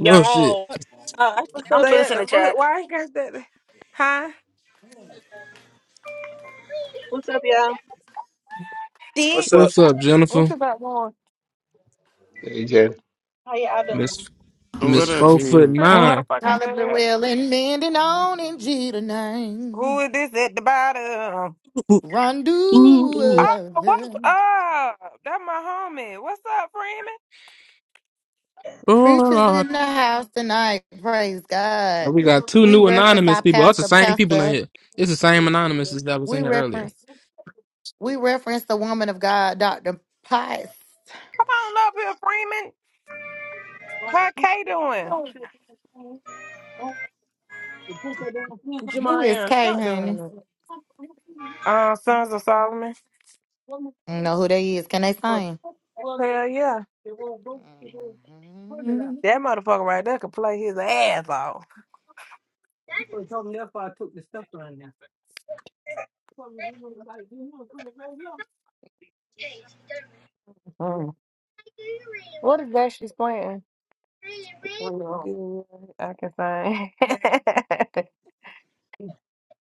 [SPEAKER 2] No shit.
[SPEAKER 15] Uh,
[SPEAKER 18] What's
[SPEAKER 15] I'm
[SPEAKER 18] up,
[SPEAKER 15] putting
[SPEAKER 9] Stay
[SPEAKER 15] this
[SPEAKER 9] at
[SPEAKER 18] y'all?
[SPEAKER 15] in
[SPEAKER 9] the
[SPEAKER 15] the
[SPEAKER 9] foot.
[SPEAKER 15] chat.
[SPEAKER 9] Why you got that? Huh?
[SPEAKER 18] What's up, y'all?
[SPEAKER 9] Dick,
[SPEAKER 5] What's up?
[SPEAKER 2] What's up,
[SPEAKER 9] What
[SPEAKER 2] Jennifer?
[SPEAKER 9] you got going?
[SPEAKER 16] AJ.
[SPEAKER 18] How y'all doing?
[SPEAKER 2] Miss
[SPEAKER 3] What
[SPEAKER 2] Miss
[SPEAKER 3] up,
[SPEAKER 2] Four Foot
[SPEAKER 3] you?
[SPEAKER 9] Pretty
[SPEAKER 14] Oh,
[SPEAKER 2] Nine.
[SPEAKER 9] motherfucker, I
[SPEAKER 1] Holly Blue
[SPEAKER 9] got.
[SPEAKER 1] Well and mending on in Jeter
[SPEAKER 9] who
[SPEAKER 1] name.
[SPEAKER 9] is this at the bottom?
[SPEAKER 2] Ooh, ooh, ooh.
[SPEAKER 9] Oh, what's
[SPEAKER 1] Rondo.
[SPEAKER 9] up? That my homie. What's up, Freeman?
[SPEAKER 2] Oh,
[SPEAKER 1] Preachers in
[SPEAKER 2] Lord.
[SPEAKER 1] the house tonight. Praise God.
[SPEAKER 2] we got two
[SPEAKER 1] We
[SPEAKER 2] new
[SPEAKER 1] reference
[SPEAKER 2] anonymous
[SPEAKER 1] our
[SPEAKER 2] people. That's the
[SPEAKER 1] pastor,
[SPEAKER 2] same people in
[SPEAKER 1] pastor.
[SPEAKER 2] here. It's the same anonymous as that was
[SPEAKER 1] We
[SPEAKER 2] in here earlier.
[SPEAKER 1] reference, we reference the woman of God, Dr. Pice.
[SPEAKER 9] Come on up here, Freeman. How K doing?
[SPEAKER 1] Who is
[SPEAKER 9] Jamarian,
[SPEAKER 1] Kay,
[SPEAKER 9] stop doing
[SPEAKER 1] honey?
[SPEAKER 9] that. Uh, Sons of Solomon.
[SPEAKER 1] You know who they is. Can they sing?
[SPEAKER 9] Hell yeah. That motherfucker right there could play his ass off. Mm. What is that she's playing? Good, I can sing.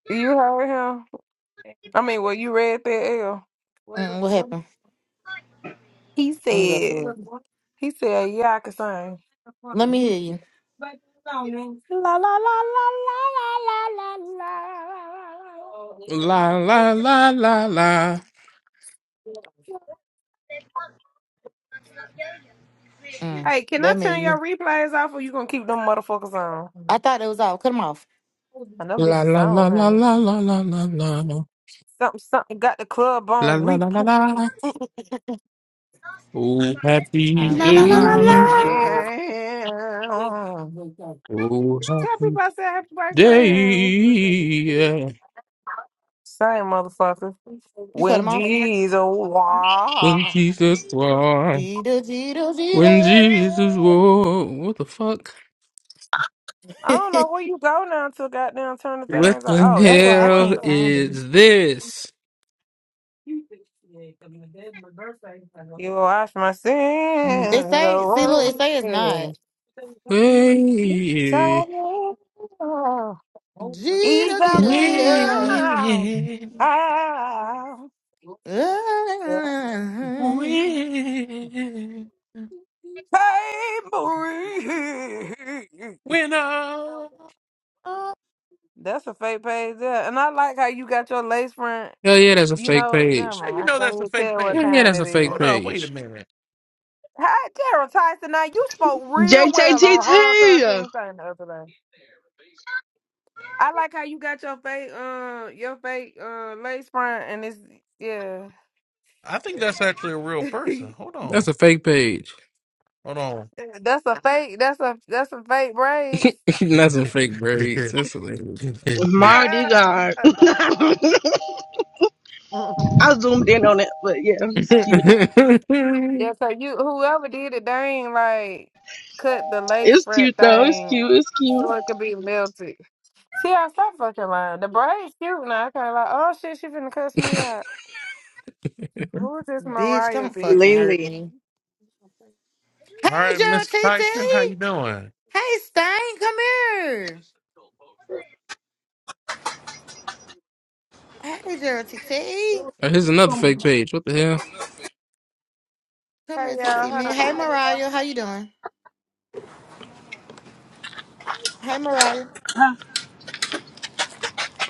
[SPEAKER 9] you heard him? I mean, well, you read that L.
[SPEAKER 1] Mm, what happened?
[SPEAKER 9] He
[SPEAKER 1] Let me go
[SPEAKER 9] said,
[SPEAKER 1] to it.
[SPEAKER 9] he said, yeah, I can sing.
[SPEAKER 1] Let me hear you.
[SPEAKER 9] La la la la la la la la la.
[SPEAKER 2] La la la la la
[SPEAKER 1] Mm,
[SPEAKER 9] Hey, can I
[SPEAKER 1] let me
[SPEAKER 9] turn
[SPEAKER 1] hear you.
[SPEAKER 9] your replays off or you gonna keep them motherfuckers on?
[SPEAKER 1] I thought it was off. Cut them off.
[SPEAKER 9] And them
[SPEAKER 2] la
[SPEAKER 9] bitches
[SPEAKER 2] la la la
[SPEAKER 9] on,
[SPEAKER 2] la
[SPEAKER 9] honey.
[SPEAKER 2] la la la la la la
[SPEAKER 9] Something, something got the club on
[SPEAKER 2] la la
[SPEAKER 9] replay.
[SPEAKER 2] la. la. Oh
[SPEAKER 9] I
[SPEAKER 2] happy
[SPEAKER 9] will follow
[SPEAKER 2] day!
[SPEAKER 9] him.
[SPEAKER 2] Oh
[SPEAKER 9] Tell
[SPEAKER 2] happy
[SPEAKER 9] people I said happy
[SPEAKER 2] day!
[SPEAKER 9] birthday.
[SPEAKER 2] Yeah.
[SPEAKER 9] Same motherfucker.
[SPEAKER 1] You cut them
[SPEAKER 9] When
[SPEAKER 1] off.
[SPEAKER 9] Jesus
[SPEAKER 2] When
[SPEAKER 9] walked.
[SPEAKER 2] Jesus won,
[SPEAKER 1] Jeter, Jeter,
[SPEAKER 2] when
[SPEAKER 1] Jeter.
[SPEAKER 2] Jesus won, what the fuck?
[SPEAKER 9] I don't know where you go now to goddamn turn the
[SPEAKER 2] What
[SPEAKER 9] things on.
[SPEAKER 2] the
[SPEAKER 9] Oh,
[SPEAKER 1] That's
[SPEAKER 9] there,
[SPEAKER 1] why
[SPEAKER 9] go
[SPEAKER 1] I
[SPEAKER 9] right
[SPEAKER 2] hell
[SPEAKER 1] can't
[SPEAKER 9] there.
[SPEAKER 1] find it.
[SPEAKER 2] is this?
[SPEAKER 9] You will wash my
[SPEAKER 1] It
[SPEAKER 9] sins
[SPEAKER 1] say, see, look,
[SPEAKER 9] away.
[SPEAKER 1] it say it's not.
[SPEAKER 9] Each
[SPEAKER 2] Wait.
[SPEAKER 9] of me, each
[SPEAKER 1] Jeter,
[SPEAKER 9] of
[SPEAKER 1] Jeter,
[SPEAKER 9] me,
[SPEAKER 8] Win,
[SPEAKER 1] Jeter.
[SPEAKER 9] ah,
[SPEAKER 1] Ah,
[SPEAKER 8] win,
[SPEAKER 9] Papery.
[SPEAKER 8] winner. How
[SPEAKER 9] That's a fake page there. And I like how you got your lace front.
[SPEAKER 2] Hell yeah, that's a
[SPEAKER 9] You
[SPEAKER 2] fake
[SPEAKER 9] know, never
[SPEAKER 2] page.
[SPEAKER 8] you
[SPEAKER 9] mind.
[SPEAKER 8] know
[SPEAKER 9] I can't
[SPEAKER 8] that's a
[SPEAKER 9] even
[SPEAKER 8] fake
[SPEAKER 9] tell what
[SPEAKER 2] Hell yeah,
[SPEAKER 8] page?
[SPEAKER 9] kind
[SPEAKER 2] that's
[SPEAKER 9] it
[SPEAKER 2] a fake
[SPEAKER 9] is.
[SPEAKER 8] Hold on, wait a
[SPEAKER 2] page.
[SPEAKER 8] minute.
[SPEAKER 9] Hi, Gerald Tyson. Now you spoke real well on her
[SPEAKER 15] JTTT.
[SPEAKER 9] thirteen thing the other day. I like how you got your fake, uh, your fake, uh, lace front, and it's yeah.
[SPEAKER 8] I think that's actually a real person. Hold
[SPEAKER 2] That's
[SPEAKER 8] on,
[SPEAKER 2] a fake page.
[SPEAKER 8] hold on.
[SPEAKER 9] that's a fake. That's a that's a fake braids.
[SPEAKER 2] Not some fake
[SPEAKER 8] All
[SPEAKER 2] braids. That's hilarious.
[SPEAKER 15] Mardi God. I zoomed in on it, but yeah, it's cute.
[SPEAKER 9] Yeah, so you whoever did it, they ain't like cut the lace
[SPEAKER 15] It's
[SPEAKER 9] front
[SPEAKER 15] cute though. It's
[SPEAKER 9] thing
[SPEAKER 15] cute. It's cute.
[SPEAKER 9] so it could be melted. See, I stop fucking lying. The braid's cute now. I kind of like, oh shit, she finna cuss me out. Who is this
[SPEAKER 1] Bitch,
[SPEAKER 9] Mariah
[SPEAKER 1] don't
[SPEAKER 9] bitch?
[SPEAKER 1] fucking hurt
[SPEAKER 14] Lily.
[SPEAKER 1] me. Hey,
[SPEAKER 8] right,
[SPEAKER 1] Gerald T.
[SPEAKER 8] Mr.
[SPEAKER 1] T.
[SPEAKER 8] Tyson, how you doing?
[SPEAKER 1] Hey, Stain, come here. Hey, Gerald T. T.
[SPEAKER 2] Oh, here's another fake page. What the hell?
[SPEAKER 1] Come
[SPEAKER 9] Hey
[SPEAKER 1] here, T
[SPEAKER 9] y'all,
[SPEAKER 1] T.
[SPEAKER 9] hold
[SPEAKER 1] man.
[SPEAKER 9] on.
[SPEAKER 1] Hey, Mariah. How you doing? Hey, Mariah.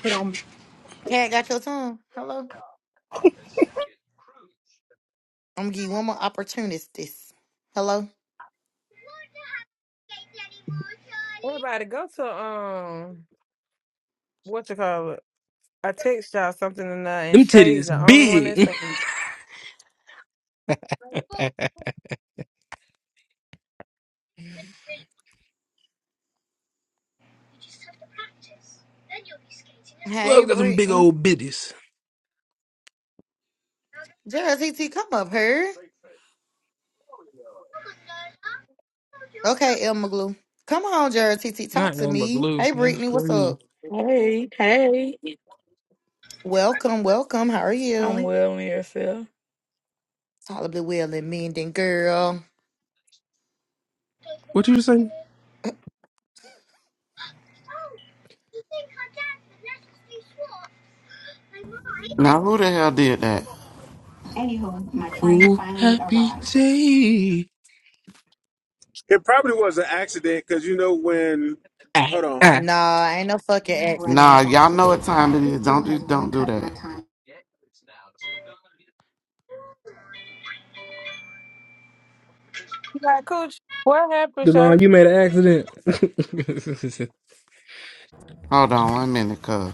[SPEAKER 19] from
[SPEAKER 1] Cat got your tongue. Hello. I'm gonna give you one more opportunity. Hello.
[SPEAKER 9] We're about to go to um, what you call it? I text y'all something tonight, and
[SPEAKER 2] Them
[SPEAKER 9] Shay's
[SPEAKER 2] titties
[SPEAKER 9] the only one that
[SPEAKER 2] big.
[SPEAKER 9] sent me.
[SPEAKER 1] Hey,
[SPEAKER 2] Love got some big
[SPEAKER 1] Brittany.
[SPEAKER 2] old bitties.
[SPEAKER 1] Gerald T. T, come up here. Okay, Elma Glue. Come on, Gerald T. T. Talk
[SPEAKER 2] Not
[SPEAKER 1] to
[SPEAKER 2] Elma
[SPEAKER 1] me.
[SPEAKER 2] Blue.
[SPEAKER 1] Hey,
[SPEAKER 2] That's
[SPEAKER 1] Brittany. What's up?
[SPEAKER 2] crazy.
[SPEAKER 20] Hey, hey.
[SPEAKER 1] Welcome, welcome. How are
[SPEAKER 20] I'm
[SPEAKER 1] you?
[SPEAKER 20] well in yourself.
[SPEAKER 1] Tolerably well and mending, girl.
[SPEAKER 2] What you say?
[SPEAKER 3] Now, who the hell did that?
[SPEAKER 2] Oh, happy day.
[SPEAKER 5] It probably was an accident because you know when.
[SPEAKER 2] Ah,
[SPEAKER 5] Hold on.
[SPEAKER 2] ah.
[SPEAKER 1] Nah, ain't no fucking
[SPEAKER 3] Nah,
[SPEAKER 1] accident.
[SPEAKER 3] y'all know what time it is. Don't do, don't do that.
[SPEAKER 9] You got cooch. What happened, Shay?
[SPEAKER 2] Devon, you made an accident.
[SPEAKER 3] Hold on one minute, cuz.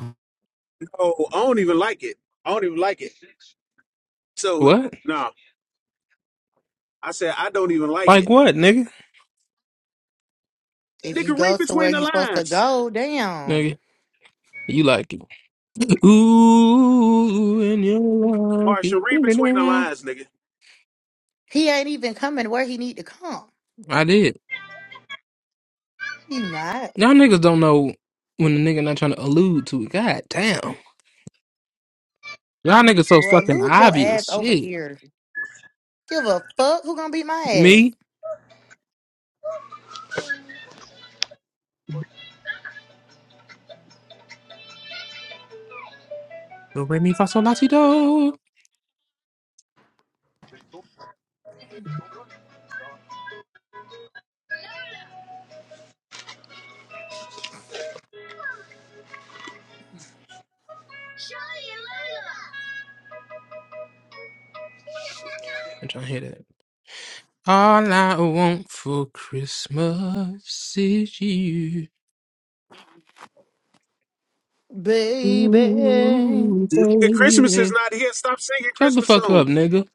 [SPEAKER 5] No, I don't even like it. I don't even like it. So
[SPEAKER 2] What?
[SPEAKER 5] no, I said I don't even like
[SPEAKER 2] Like
[SPEAKER 5] it.
[SPEAKER 2] what, nigga?
[SPEAKER 1] If you
[SPEAKER 5] Nigga,
[SPEAKER 1] go
[SPEAKER 5] read
[SPEAKER 1] to where
[SPEAKER 5] between the
[SPEAKER 1] you supposed to
[SPEAKER 5] lines.
[SPEAKER 1] go, damn.
[SPEAKER 2] Nigga, you like it. Ooh, and you like it.
[SPEAKER 5] Marsha, read
[SPEAKER 2] Nigga,
[SPEAKER 5] between the
[SPEAKER 2] now.
[SPEAKER 5] lines, nigga.
[SPEAKER 1] He ain't even coming where he need to come.
[SPEAKER 2] I did.
[SPEAKER 1] You not.
[SPEAKER 2] Y'all niggas don't know when the nigga not trying to allude to it. God damn. Y'all niggas so
[SPEAKER 1] Well,
[SPEAKER 2] fucking
[SPEAKER 1] lose your ass
[SPEAKER 2] obvious.
[SPEAKER 1] over
[SPEAKER 2] Shit.
[SPEAKER 1] here. Give a fuck who gonna beat my ass.
[SPEAKER 2] Me? Do re mi fa sol la si do. I'm trying to hear that. All I want for Christmas is you.
[SPEAKER 1] Baby.
[SPEAKER 2] Ooh,
[SPEAKER 5] Nigga, Christmas is
[SPEAKER 2] baby.
[SPEAKER 5] not here. Stop singing
[SPEAKER 2] Shut the
[SPEAKER 5] Christmas
[SPEAKER 2] fuck up,
[SPEAKER 5] songs.
[SPEAKER 2] nigga.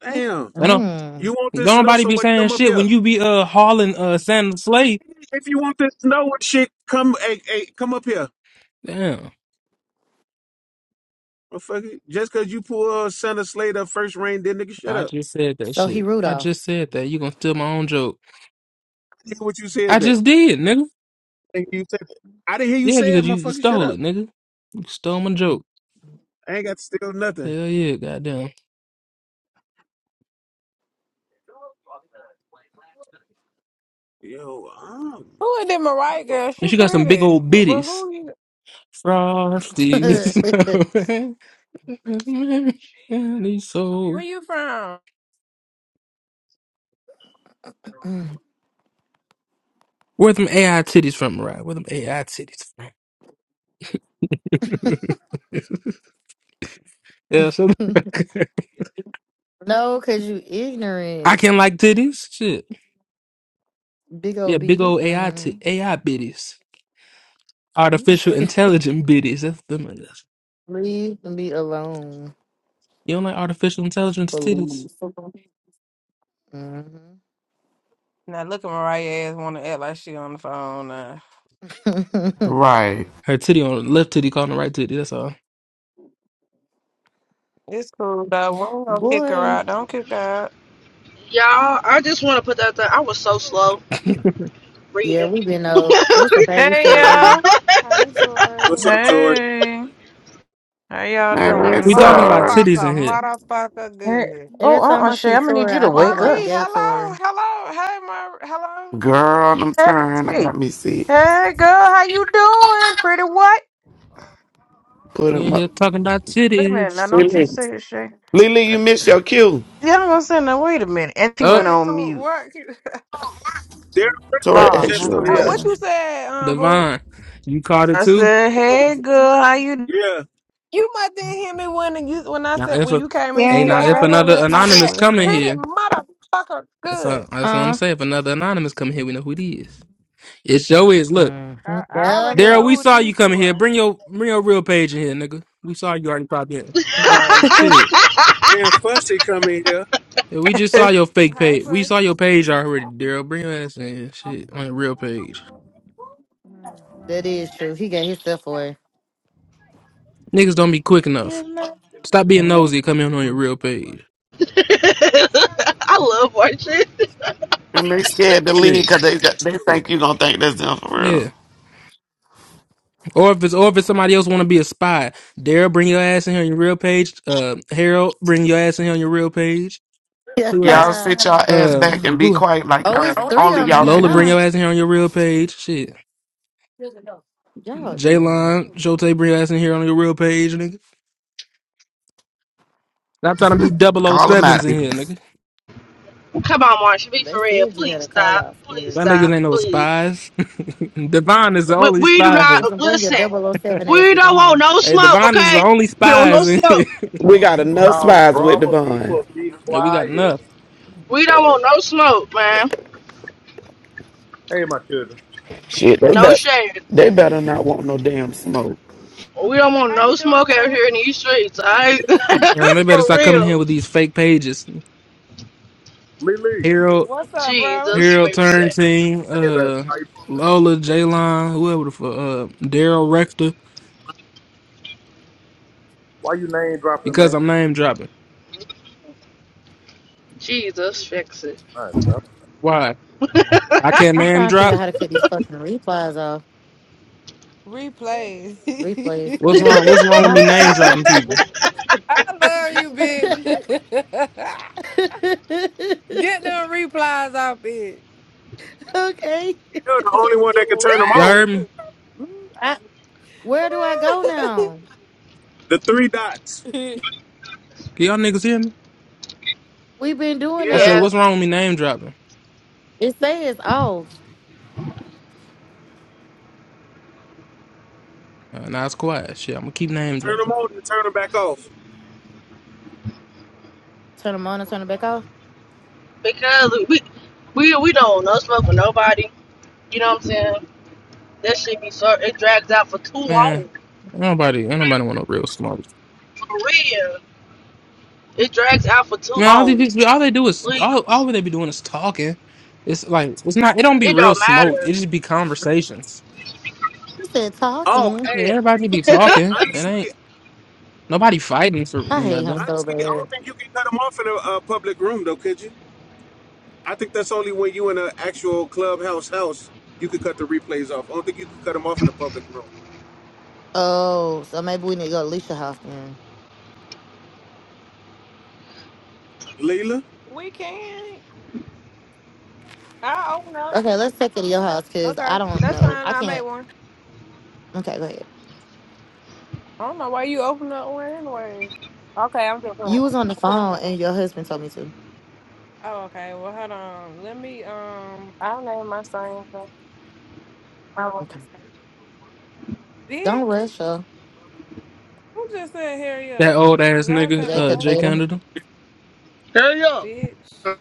[SPEAKER 5] Damn.
[SPEAKER 2] I know.
[SPEAKER 1] Mm-mm.
[SPEAKER 5] You want
[SPEAKER 2] Don't
[SPEAKER 5] this snow
[SPEAKER 2] nobody
[SPEAKER 5] so
[SPEAKER 2] be
[SPEAKER 5] much?
[SPEAKER 2] saying
[SPEAKER 5] Come up
[SPEAKER 2] shit when
[SPEAKER 5] here.
[SPEAKER 2] you be uh hauling uh Santa Slay.
[SPEAKER 5] If you want this snow and shit, come hey, hey, come up here.
[SPEAKER 2] Damn.
[SPEAKER 5] Motherfucker. Just cause you pull Santa Slater first rain, then nigga, shut
[SPEAKER 2] I
[SPEAKER 5] up.
[SPEAKER 2] just said that
[SPEAKER 1] So he
[SPEAKER 2] shit. I
[SPEAKER 1] Rudolph.
[SPEAKER 2] just said that. You gonna steal my own joke.
[SPEAKER 5] I didn't hear what you said
[SPEAKER 2] I
[SPEAKER 5] that.
[SPEAKER 2] just did, nigga.
[SPEAKER 5] I didn't hear you, say- I didn't hear you
[SPEAKER 2] Yeah,
[SPEAKER 5] say it,
[SPEAKER 2] because you, you
[SPEAKER 5] motherfucker. Shut
[SPEAKER 2] stole
[SPEAKER 5] up.
[SPEAKER 2] it, nigga. You stole my joke.
[SPEAKER 5] I ain't got to steal nothing.
[SPEAKER 2] Hell yeah, goddamn.
[SPEAKER 5] Yo, um,
[SPEAKER 9] Who is this Mariah girl?
[SPEAKER 2] And
[SPEAKER 9] She
[SPEAKER 2] she got some big
[SPEAKER 9] pretty,
[SPEAKER 2] old
[SPEAKER 9] but, but
[SPEAKER 2] bitties.
[SPEAKER 9] who you?
[SPEAKER 2] Frosty. and he's so
[SPEAKER 9] Where you from?
[SPEAKER 1] Mm.
[SPEAKER 2] where them AI titties from, right? Where them AI titties from? yeah, so
[SPEAKER 1] no, cause you
[SPEAKER 2] I
[SPEAKER 1] ignorant.
[SPEAKER 2] can like titties. Shit.
[SPEAKER 1] Big old
[SPEAKER 2] Yeah, big
[SPEAKER 1] beaties.
[SPEAKER 2] old AI
[SPEAKER 1] Mm-hmm.
[SPEAKER 2] t- AI bitties. Artificial
[SPEAKER 1] You
[SPEAKER 2] intelligent bitties. That's them. niggas.
[SPEAKER 1] Leave me alone,
[SPEAKER 2] You don't like artificial intelligence titties?
[SPEAKER 1] please. Mm-hmm.
[SPEAKER 9] Now look at Mariah ass want to act like she on the phone. Uh,
[SPEAKER 3] Right.
[SPEAKER 2] Her titty on the left titty calling the right titty. That's all.
[SPEAKER 9] it's cool though. We ain't gonna kick her
[SPEAKER 1] Boy,
[SPEAKER 9] out. Don't kick her out.
[SPEAKER 15] Y'all, I just want to put that thing. I was so slow
[SPEAKER 1] yeah,
[SPEAKER 15] reading.
[SPEAKER 1] we've been old, but it's okay. We
[SPEAKER 21] Hey
[SPEAKER 1] still love you.
[SPEAKER 21] y'all.
[SPEAKER 9] How you
[SPEAKER 5] what's
[SPEAKER 9] doing?
[SPEAKER 5] up, Tori?
[SPEAKER 21] Hey. How y'all
[SPEAKER 9] Pretty
[SPEAKER 21] doing
[SPEAKER 3] And
[SPEAKER 21] in
[SPEAKER 2] We talking
[SPEAKER 9] motherfucker,
[SPEAKER 21] here?
[SPEAKER 2] about
[SPEAKER 3] sorry.
[SPEAKER 2] titties in here.
[SPEAKER 9] motherfucker,
[SPEAKER 21] Hey.
[SPEAKER 9] good.
[SPEAKER 21] Oh,
[SPEAKER 1] Every time
[SPEAKER 21] uh uh
[SPEAKER 1] I
[SPEAKER 21] Shay,
[SPEAKER 1] see
[SPEAKER 21] I'm gonna need
[SPEAKER 1] Tori,
[SPEAKER 21] you
[SPEAKER 1] I
[SPEAKER 21] to
[SPEAKER 1] think
[SPEAKER 21] wake
[SPEAKER 1] about the
[SPEAKER 21] up.
[SPEAKER 9] Marie,
[SPEAKER 1] gay Tori.
[SPEAKER 9] hello, hello, hey, Mar, hello.
[SPEAKER 3] Girl, I'm
[SPEAKER 21] Hey.
[SPEAKER 3] trying. I got me sick.
[SPEAKER 21] Hey girl, how you doing? Pretty what?
[SPEAKER 3] Put
[SPEAKER 2] We
[SPEAKER 3] him
[SPEAKER 2] in
[SPEAKER 3] up.
[SPEAKER 2] here talking about
[SPEAKER 21] Wait a minute, now
[SPEAKER 2] titties.
[SPEAKER 21] don't you
[SPEAKER 3] Lily,
[SPEAKER 21] say it, Shay.
[SPEAKER 3] Lily, you missed your cue.
[SPEAKER 21] Yeah, I'm gonna say now wait a minute. And she
[SPEAKER 2] Up,
[SPEAKER 21] went
[SPEAKER 9] What,
[SPEAKER 21] on mute.
[SPEAKER 9] what?
[SPEAKER 5] Derek Christian
[SPEAKER 3] Tori
[SPEAKER 5] was
[SPEAKER 21] Lord
[SPEAKER 3] asked
[SPEAKER 21] have
[SPEAKER 5] just
[SPEAKER 3] you a
[SPEAKER 5] in
[SPEAKER 9] Oh,
[SPEAKER 5] here.
[SPEAKER 21] mercy.
[SPEAKER 9] what you
[SPEAKER 3] question.
[SPEAKER 9] said, um, boo?
[SPEAKER 2] Divine. You caught it
[SPEAKER 21] I
[SPEAKER 2] too?
[SPEAKER 21] said,
[SPEAKER 5] Yo,
[SPEAKER 21] Hey girl, how you doing?
[SPEAKER 5] yeah.
[SPEAKER 9] You must didn't hear me when you when I
[SPEAKER 2] Now
[SPEAKER 9] said
[SPEAKER 2] if
[SPEAKER 9] when
[SPEAKER 2] a
[SPEAKER 9] you came in. You
[SPEAKER 2] hey
[SPEAKER 14] Yeah,
[SPEAKER 2] now
[SPEAKER 9] can't
[SPEAKER 14] your
[SPEAKER 2] if
[SPEAKER 9] have me
[SPEAKER 14] brother
[SPEAKER 9] out
[SPEAKER 2] another
[SPEAKER 9] there.
[SPEAKER 14] was
[SPEAKER 9] I
[SPEAKER 14] here.
[SPEAKER 9] said
[SPEAKER 2] anonymous
[SPEAKER 21] Wait
[SPEAKER 2] come in
[SPEAKER 9] pretty
[SPEAKER 2] here,
[SPEAKER 9] motherfucker
[SPEAKER 2] that's
[SPEAKER 9] good.
[SPEAKER 2] all that's what I'm gonna
[SPEAKER 1] Huh?
[SPEAKER 2] say. If another anonymous come in here, we know who it is. It sure is. Look,
[SPEAKER 1] Mm-hmm.
[SPEAKER 9] I, I
[SPEAKER 1] Yeah,
[SPEAKER 9] already
[SPEAKER 2] Daryl,
[SPEAKER 9] know
[SPEAKER 1] look.
[SPEAKER 2] we
[SPEAKER 9] who
[SPEAKER 2] saw you
[SPEAKER 9] these two
[SPEAKER 2] coming here.
[SPEAKER 9] are.
[SPEAKER 2] Bring your bring your real page in here, nigga. We saw you already popped in.
[SPEAKER 1] Right.
[SPEAKER 21] a minute.
[SPEAKER 2] Shit.
[SPEAKER 5] And Fussy come in here.
[SPEAKER 2] Yeah, we just saw your fake
[SPEAKER 9] Hi,
[SPEAKER 2] page. We saw your
[SPEAKER 9] first.
[SPEAKER 2] page already, Daryl. Bring your ass in here. Shit, on your real page.
[SPEAKER 1] Mm, That is true. He gave himself away.
[SPEAKER 2] Niggas don't be quick enough.
[SPEAKER 14] Give my
[SPEAKER 2] Stop being nosy. Come in on your real page.
[SPEAKER 3] And they scared to leave
[SPEAKER 2] Shit.
[SPEAKER 3] because they, got- they think you going to think that's them for real.
[SPEAKER 2] Yeah. Or if it's or if it's somebody else want to be a spy, Daryl, bring your ass in here on your real page. Uh, Harold, bring your ass in here on your real page. Who else?
[SPEAKER 3] Y'all
[SPEAKER 1] oh,
[SPEAKER 3] sit y'all ass
[SPEAKER 2] Uh,
[SPEAKER 3] back and be
[SPEAKER 2] who?
[SPEAKER 3] quiet like
[SPEAKER 1] it's
[SPEAKER 3] y'all,
[SPEAKER 1] three of
[SPEAKER 3] only
[SPEAKER 1] them in
[SPEAKER 3] y'all
[SPEAKER 1] here
[SPEAKER 3] can
[SPEAKER 2] Lola,
[SPEAKER 3] do.
[SPEAKER 2] bring
[SPEAKER 1] now.
[SPEAKER 2] your ass in here on your real page. Shit.
[SPEAKER 1] Y'all ignorant.
[SPEAKER 2] Jaylon, Shote, bring your ass in here on your real page, nigga. Stop trying to be double oh
[SPEAKER 3] Call them
[SPEAKER 2] sevens
[SPEAKER 3] out.
[SPEAKER 2] in here, nigga.
[SPEAKER 15] Come on, Marsha, be
[SPEAKER 1] They
[SPEAKER 15] for real.
[SPEAKER 1] said you had
[SPEAKER 15] Please
[SPEAKER 1] a call
[SPEAKER 15] stop.
[SPEAKER 1] out
[SPEAKER 15] Please
[SPEAKER 1] spirit.
[SPEAKER 2] My niggas
[SPEAKER 15] stop.
[SPEAKER 2] ain't no
[SPEAKER 15] Please.
[SPEAKER 2] spies. Devon is the
[SPEAKER 15] We,
[SPEAKER 2] only
[SPEAKER 15] we do
[SPEAKER 2] spies.
[SPEAKER 1] So
[SPEAKER 15] not
[SPEAKER 1] bring your
[SPEAKER 15] listen.
[SPEAKER 1] double o seven
[SPEAKER 15] We
[SPEAKER 1] asses
[SPEAKER 15] don't
[SPEAKER 1] in
[SPEAKER 15] want
[SPEAKER 1] here.
[SPEAKER 15] no
[SPEAKER 2] Hey,
[SPEAKER 15] smoke,
[SPEAKER 2] Devon is the
[SPEAKER 15] okay?
[SPEAKER 2] only
[SPEAKER 15] We don't want no
[SPEAKER 2] spies in here.
[SPEAKER 15] smoke.
[SPEAKER 3] We got enough
[SPEAKER 22] Oh,
[SPEAKER 3] spies with
[SPEAKER 22] drama
[SPEAKER 3] Devon.
[SPEAKER 22] people, be
[SPEAKER 2] Hey, we got
[SPEAKER 22] quiet.
[SPEAKER 2] enough.
[SPEAKER 15] We don't want no smoke, man.
[SPEAKER 22] Hey, my children.
[SPEAKER 3] Shit, they,
[SPEAKER 15] No
[SPEAKER 3] bet
[SPEAKER 15] shade.
[SPEAKER 3] they better not want no damn smoke.
[SPEAKER 15] We don't want
[SPEAKER 9] How
[SPEAKER 15] no
[SPEAKER 9] you doing,
[SPEAKER 15] smoke out
[SPEAKER 9] first?
[SPEAKER 15] here in these streets, alright?
[SPEAKER 22] Lily,
[SPEAKER 2] Man, they better
[SPEAKER 15] for
[SPEAKER 2] start coming
[SPEAKER 15] real.
[SPEAKER 2] here with these fake pages.
[SPEAKER 22] Lily. Hey,
[SPEAKER 2] Harold,
[SPEAKER 9] What's up, bro?
[SPEAKER 15] Jesus,
[SPEAKER 2] Harold
[SPEAKER 15] fix it.
[SPEAKER 2] Turntine,
[SPEAKER 22] baby,
[SPEAKER 2] uh,
[SPEAKER 22] how you doing?
[SPEAKER 2] Lola, Jalon, whoever the fuck, uh, Daryl Rector,
[SPEAKER 22] Why you name dropping,
[SPEAKER 2] because I'm name dropping.
[SPEAKER 15] Jesus, fix it.
[SPEAKER 22] man?
[SPEAKER 2] Why? I can't
[SPEAKER 1] I'm
[SPEAKER 2] name
[SPEAKER 1] trying to figure
[SPEAKER 2] drop?
[SPEAKER 1] out how to cut these fucking replies off.
[SPEAKER 9] Replays.
[SPEAKER 1] Replays.
[SPEAKER 2] What's wrong? What's wrong with
[SPEAKER 1] My
[SPEAKER 2] me name
[SPEAKER 9] I
[SPEAKER 1] bad.
[SPEAKER 2] dropping people?
[SPEAKER 9] love you, bitch. Get them replies out, bitch.
[SPEAKER 1] okay.
[SPEAKER 5] You're the only one that can turn them
[SPEAKER 2] Y'all
[SPEAKER 5] off.
[SPEAKER 2] heard me?
[SPEAKER 1] I, where do I go now?
[SPEAKER 5] The three dots.
[SPEAKER 2] Can y'all niggas hear me?
[SPEAKER 1] We've been doing
[SPEAKER 2] I
[SPEAKER 5] Yeah.
[SPEAKER 2] said,
[SPEAKER 15] yeah,
[SPEAKER 1] it.
[SPEAKER 2] what's wrong with me name dropping?
[SPEAKER 1] It says off.
[SPEAKER 2] Uh, now it's quiet. Shit, I'm gonna keep name
[SPEAKER 5] Turn them
[SPEAKER 2] dropping.
[SPEAKER 5] on and turn them back off.
[SPEAKER 1] Turn them on and turn it back off.
[SPEAKER 15] because we we we don't want no smoke with nobody. You know what I'm saying? That shit be so it drags out for too
[SPEAKER 2] Man,
[SPEAKER 15] long.
[SPEAKER 2] Ain't Nobody, ain't nobody want no real smart.
[SPEAKER 15] For real. It drags out for too
[SPEAKER 2] Man, all
[SPEAKER 15] long.
[SPEAKER 2] these people, all they do is all, all
[SPEAKER 15] Please.
[SPEAKER 2] they be doing is talking. It's like it's not. It don't be
[SPEAKER 15] It
[SPEAKER 2] real
[SPEAKER 15] don't
[SPEAKER 2] smoke. It just
[SPEAKER 15] matter.
[SPEAKER 2] be conversations.
[SPEAKER 1] He said
[SPEAKER 5] Oh,
[SPEAKER 1] talking.
[SPEAKER 2] Yeah,
[SPEAKER 5] hey,
[SPEAKER 2] everybody be
[SPEAKER 5] hey,
[SPEAKER 2] talking. It
[SPEAKER 5] honestly,
[SPEAKER 2] ain't nobody fighting for
[SPEAKER 1] I hate him
[SPEAKER 2] nothing.
[SPEAKER 1] so
[SPEAKER 5] honestly, I
[SPEAKER 1] bad.
[SPEAKER 5] don't think you can cut them off in a, uh public room, though, could you? I think that's only when you in an actual clubhouse house you could cut the replays off. I don't think you can cut them off in a public room.
[SPEAKER 1] Oh, so maybe we need to go to Leisha house then.
[SPEAKER 5] Leela?
[SPEAKER 9] We can. I open up.
[SPEAKER 1] Okay, let's take it to your house because
[SPEAKER 9] Okay,
[SPEAKER 1] I don't
[SPEAKER 9] that's
[SPEAKER 1] know.
[SPEAKER 9] fine.
[SPEAKER 1] I
[SPEAKER 9] I made
[SPEAKER 1] can't.
[SPEAKER 9] one.
[SPEAKER 1] Okay, go ahead.
[SPEAKER 9] I don't know why you open up one anyway. Okay, I'm just doing. I'm
[SPEAKER 1] You was on the
[SPEAKER 9] just
[SPEAKER 1] phone
[SPEAKER 9] doing.
[SPEAKER 1] and your husband told me to.
[SPEAKER 9] Oh, okay. Well, hold on. Let me, um, I'll name my son. Oh,
[SPEAKER 1] Okay. Don't
[SPEAKER 9] bitch.
[SPEAKER 1] rush her.
[SPEAKER 9] I'm just saying, hurry
[SPEAKER 2] That
[SPEAKER 9] up.
[SPEAKER 2] old
[SPEAKER 9] Cause
[SPEAKER 2] ass
[SPEAKER 9] I
[SPEAKER 2] nigga,
[SPEAKER 9] take my
[SPEAKER 1] Jake
[SPEAKER 2] uh,
[SPEAKER 1] and
[SPEAKER 2] Jay
[SPEAKER 1] Nita.
[SPEAKER 9] motherfucking
[SPEAKER 2] Canada.
[SPEAKER 4] Hurry up.
[SPEAKER 9] bitch.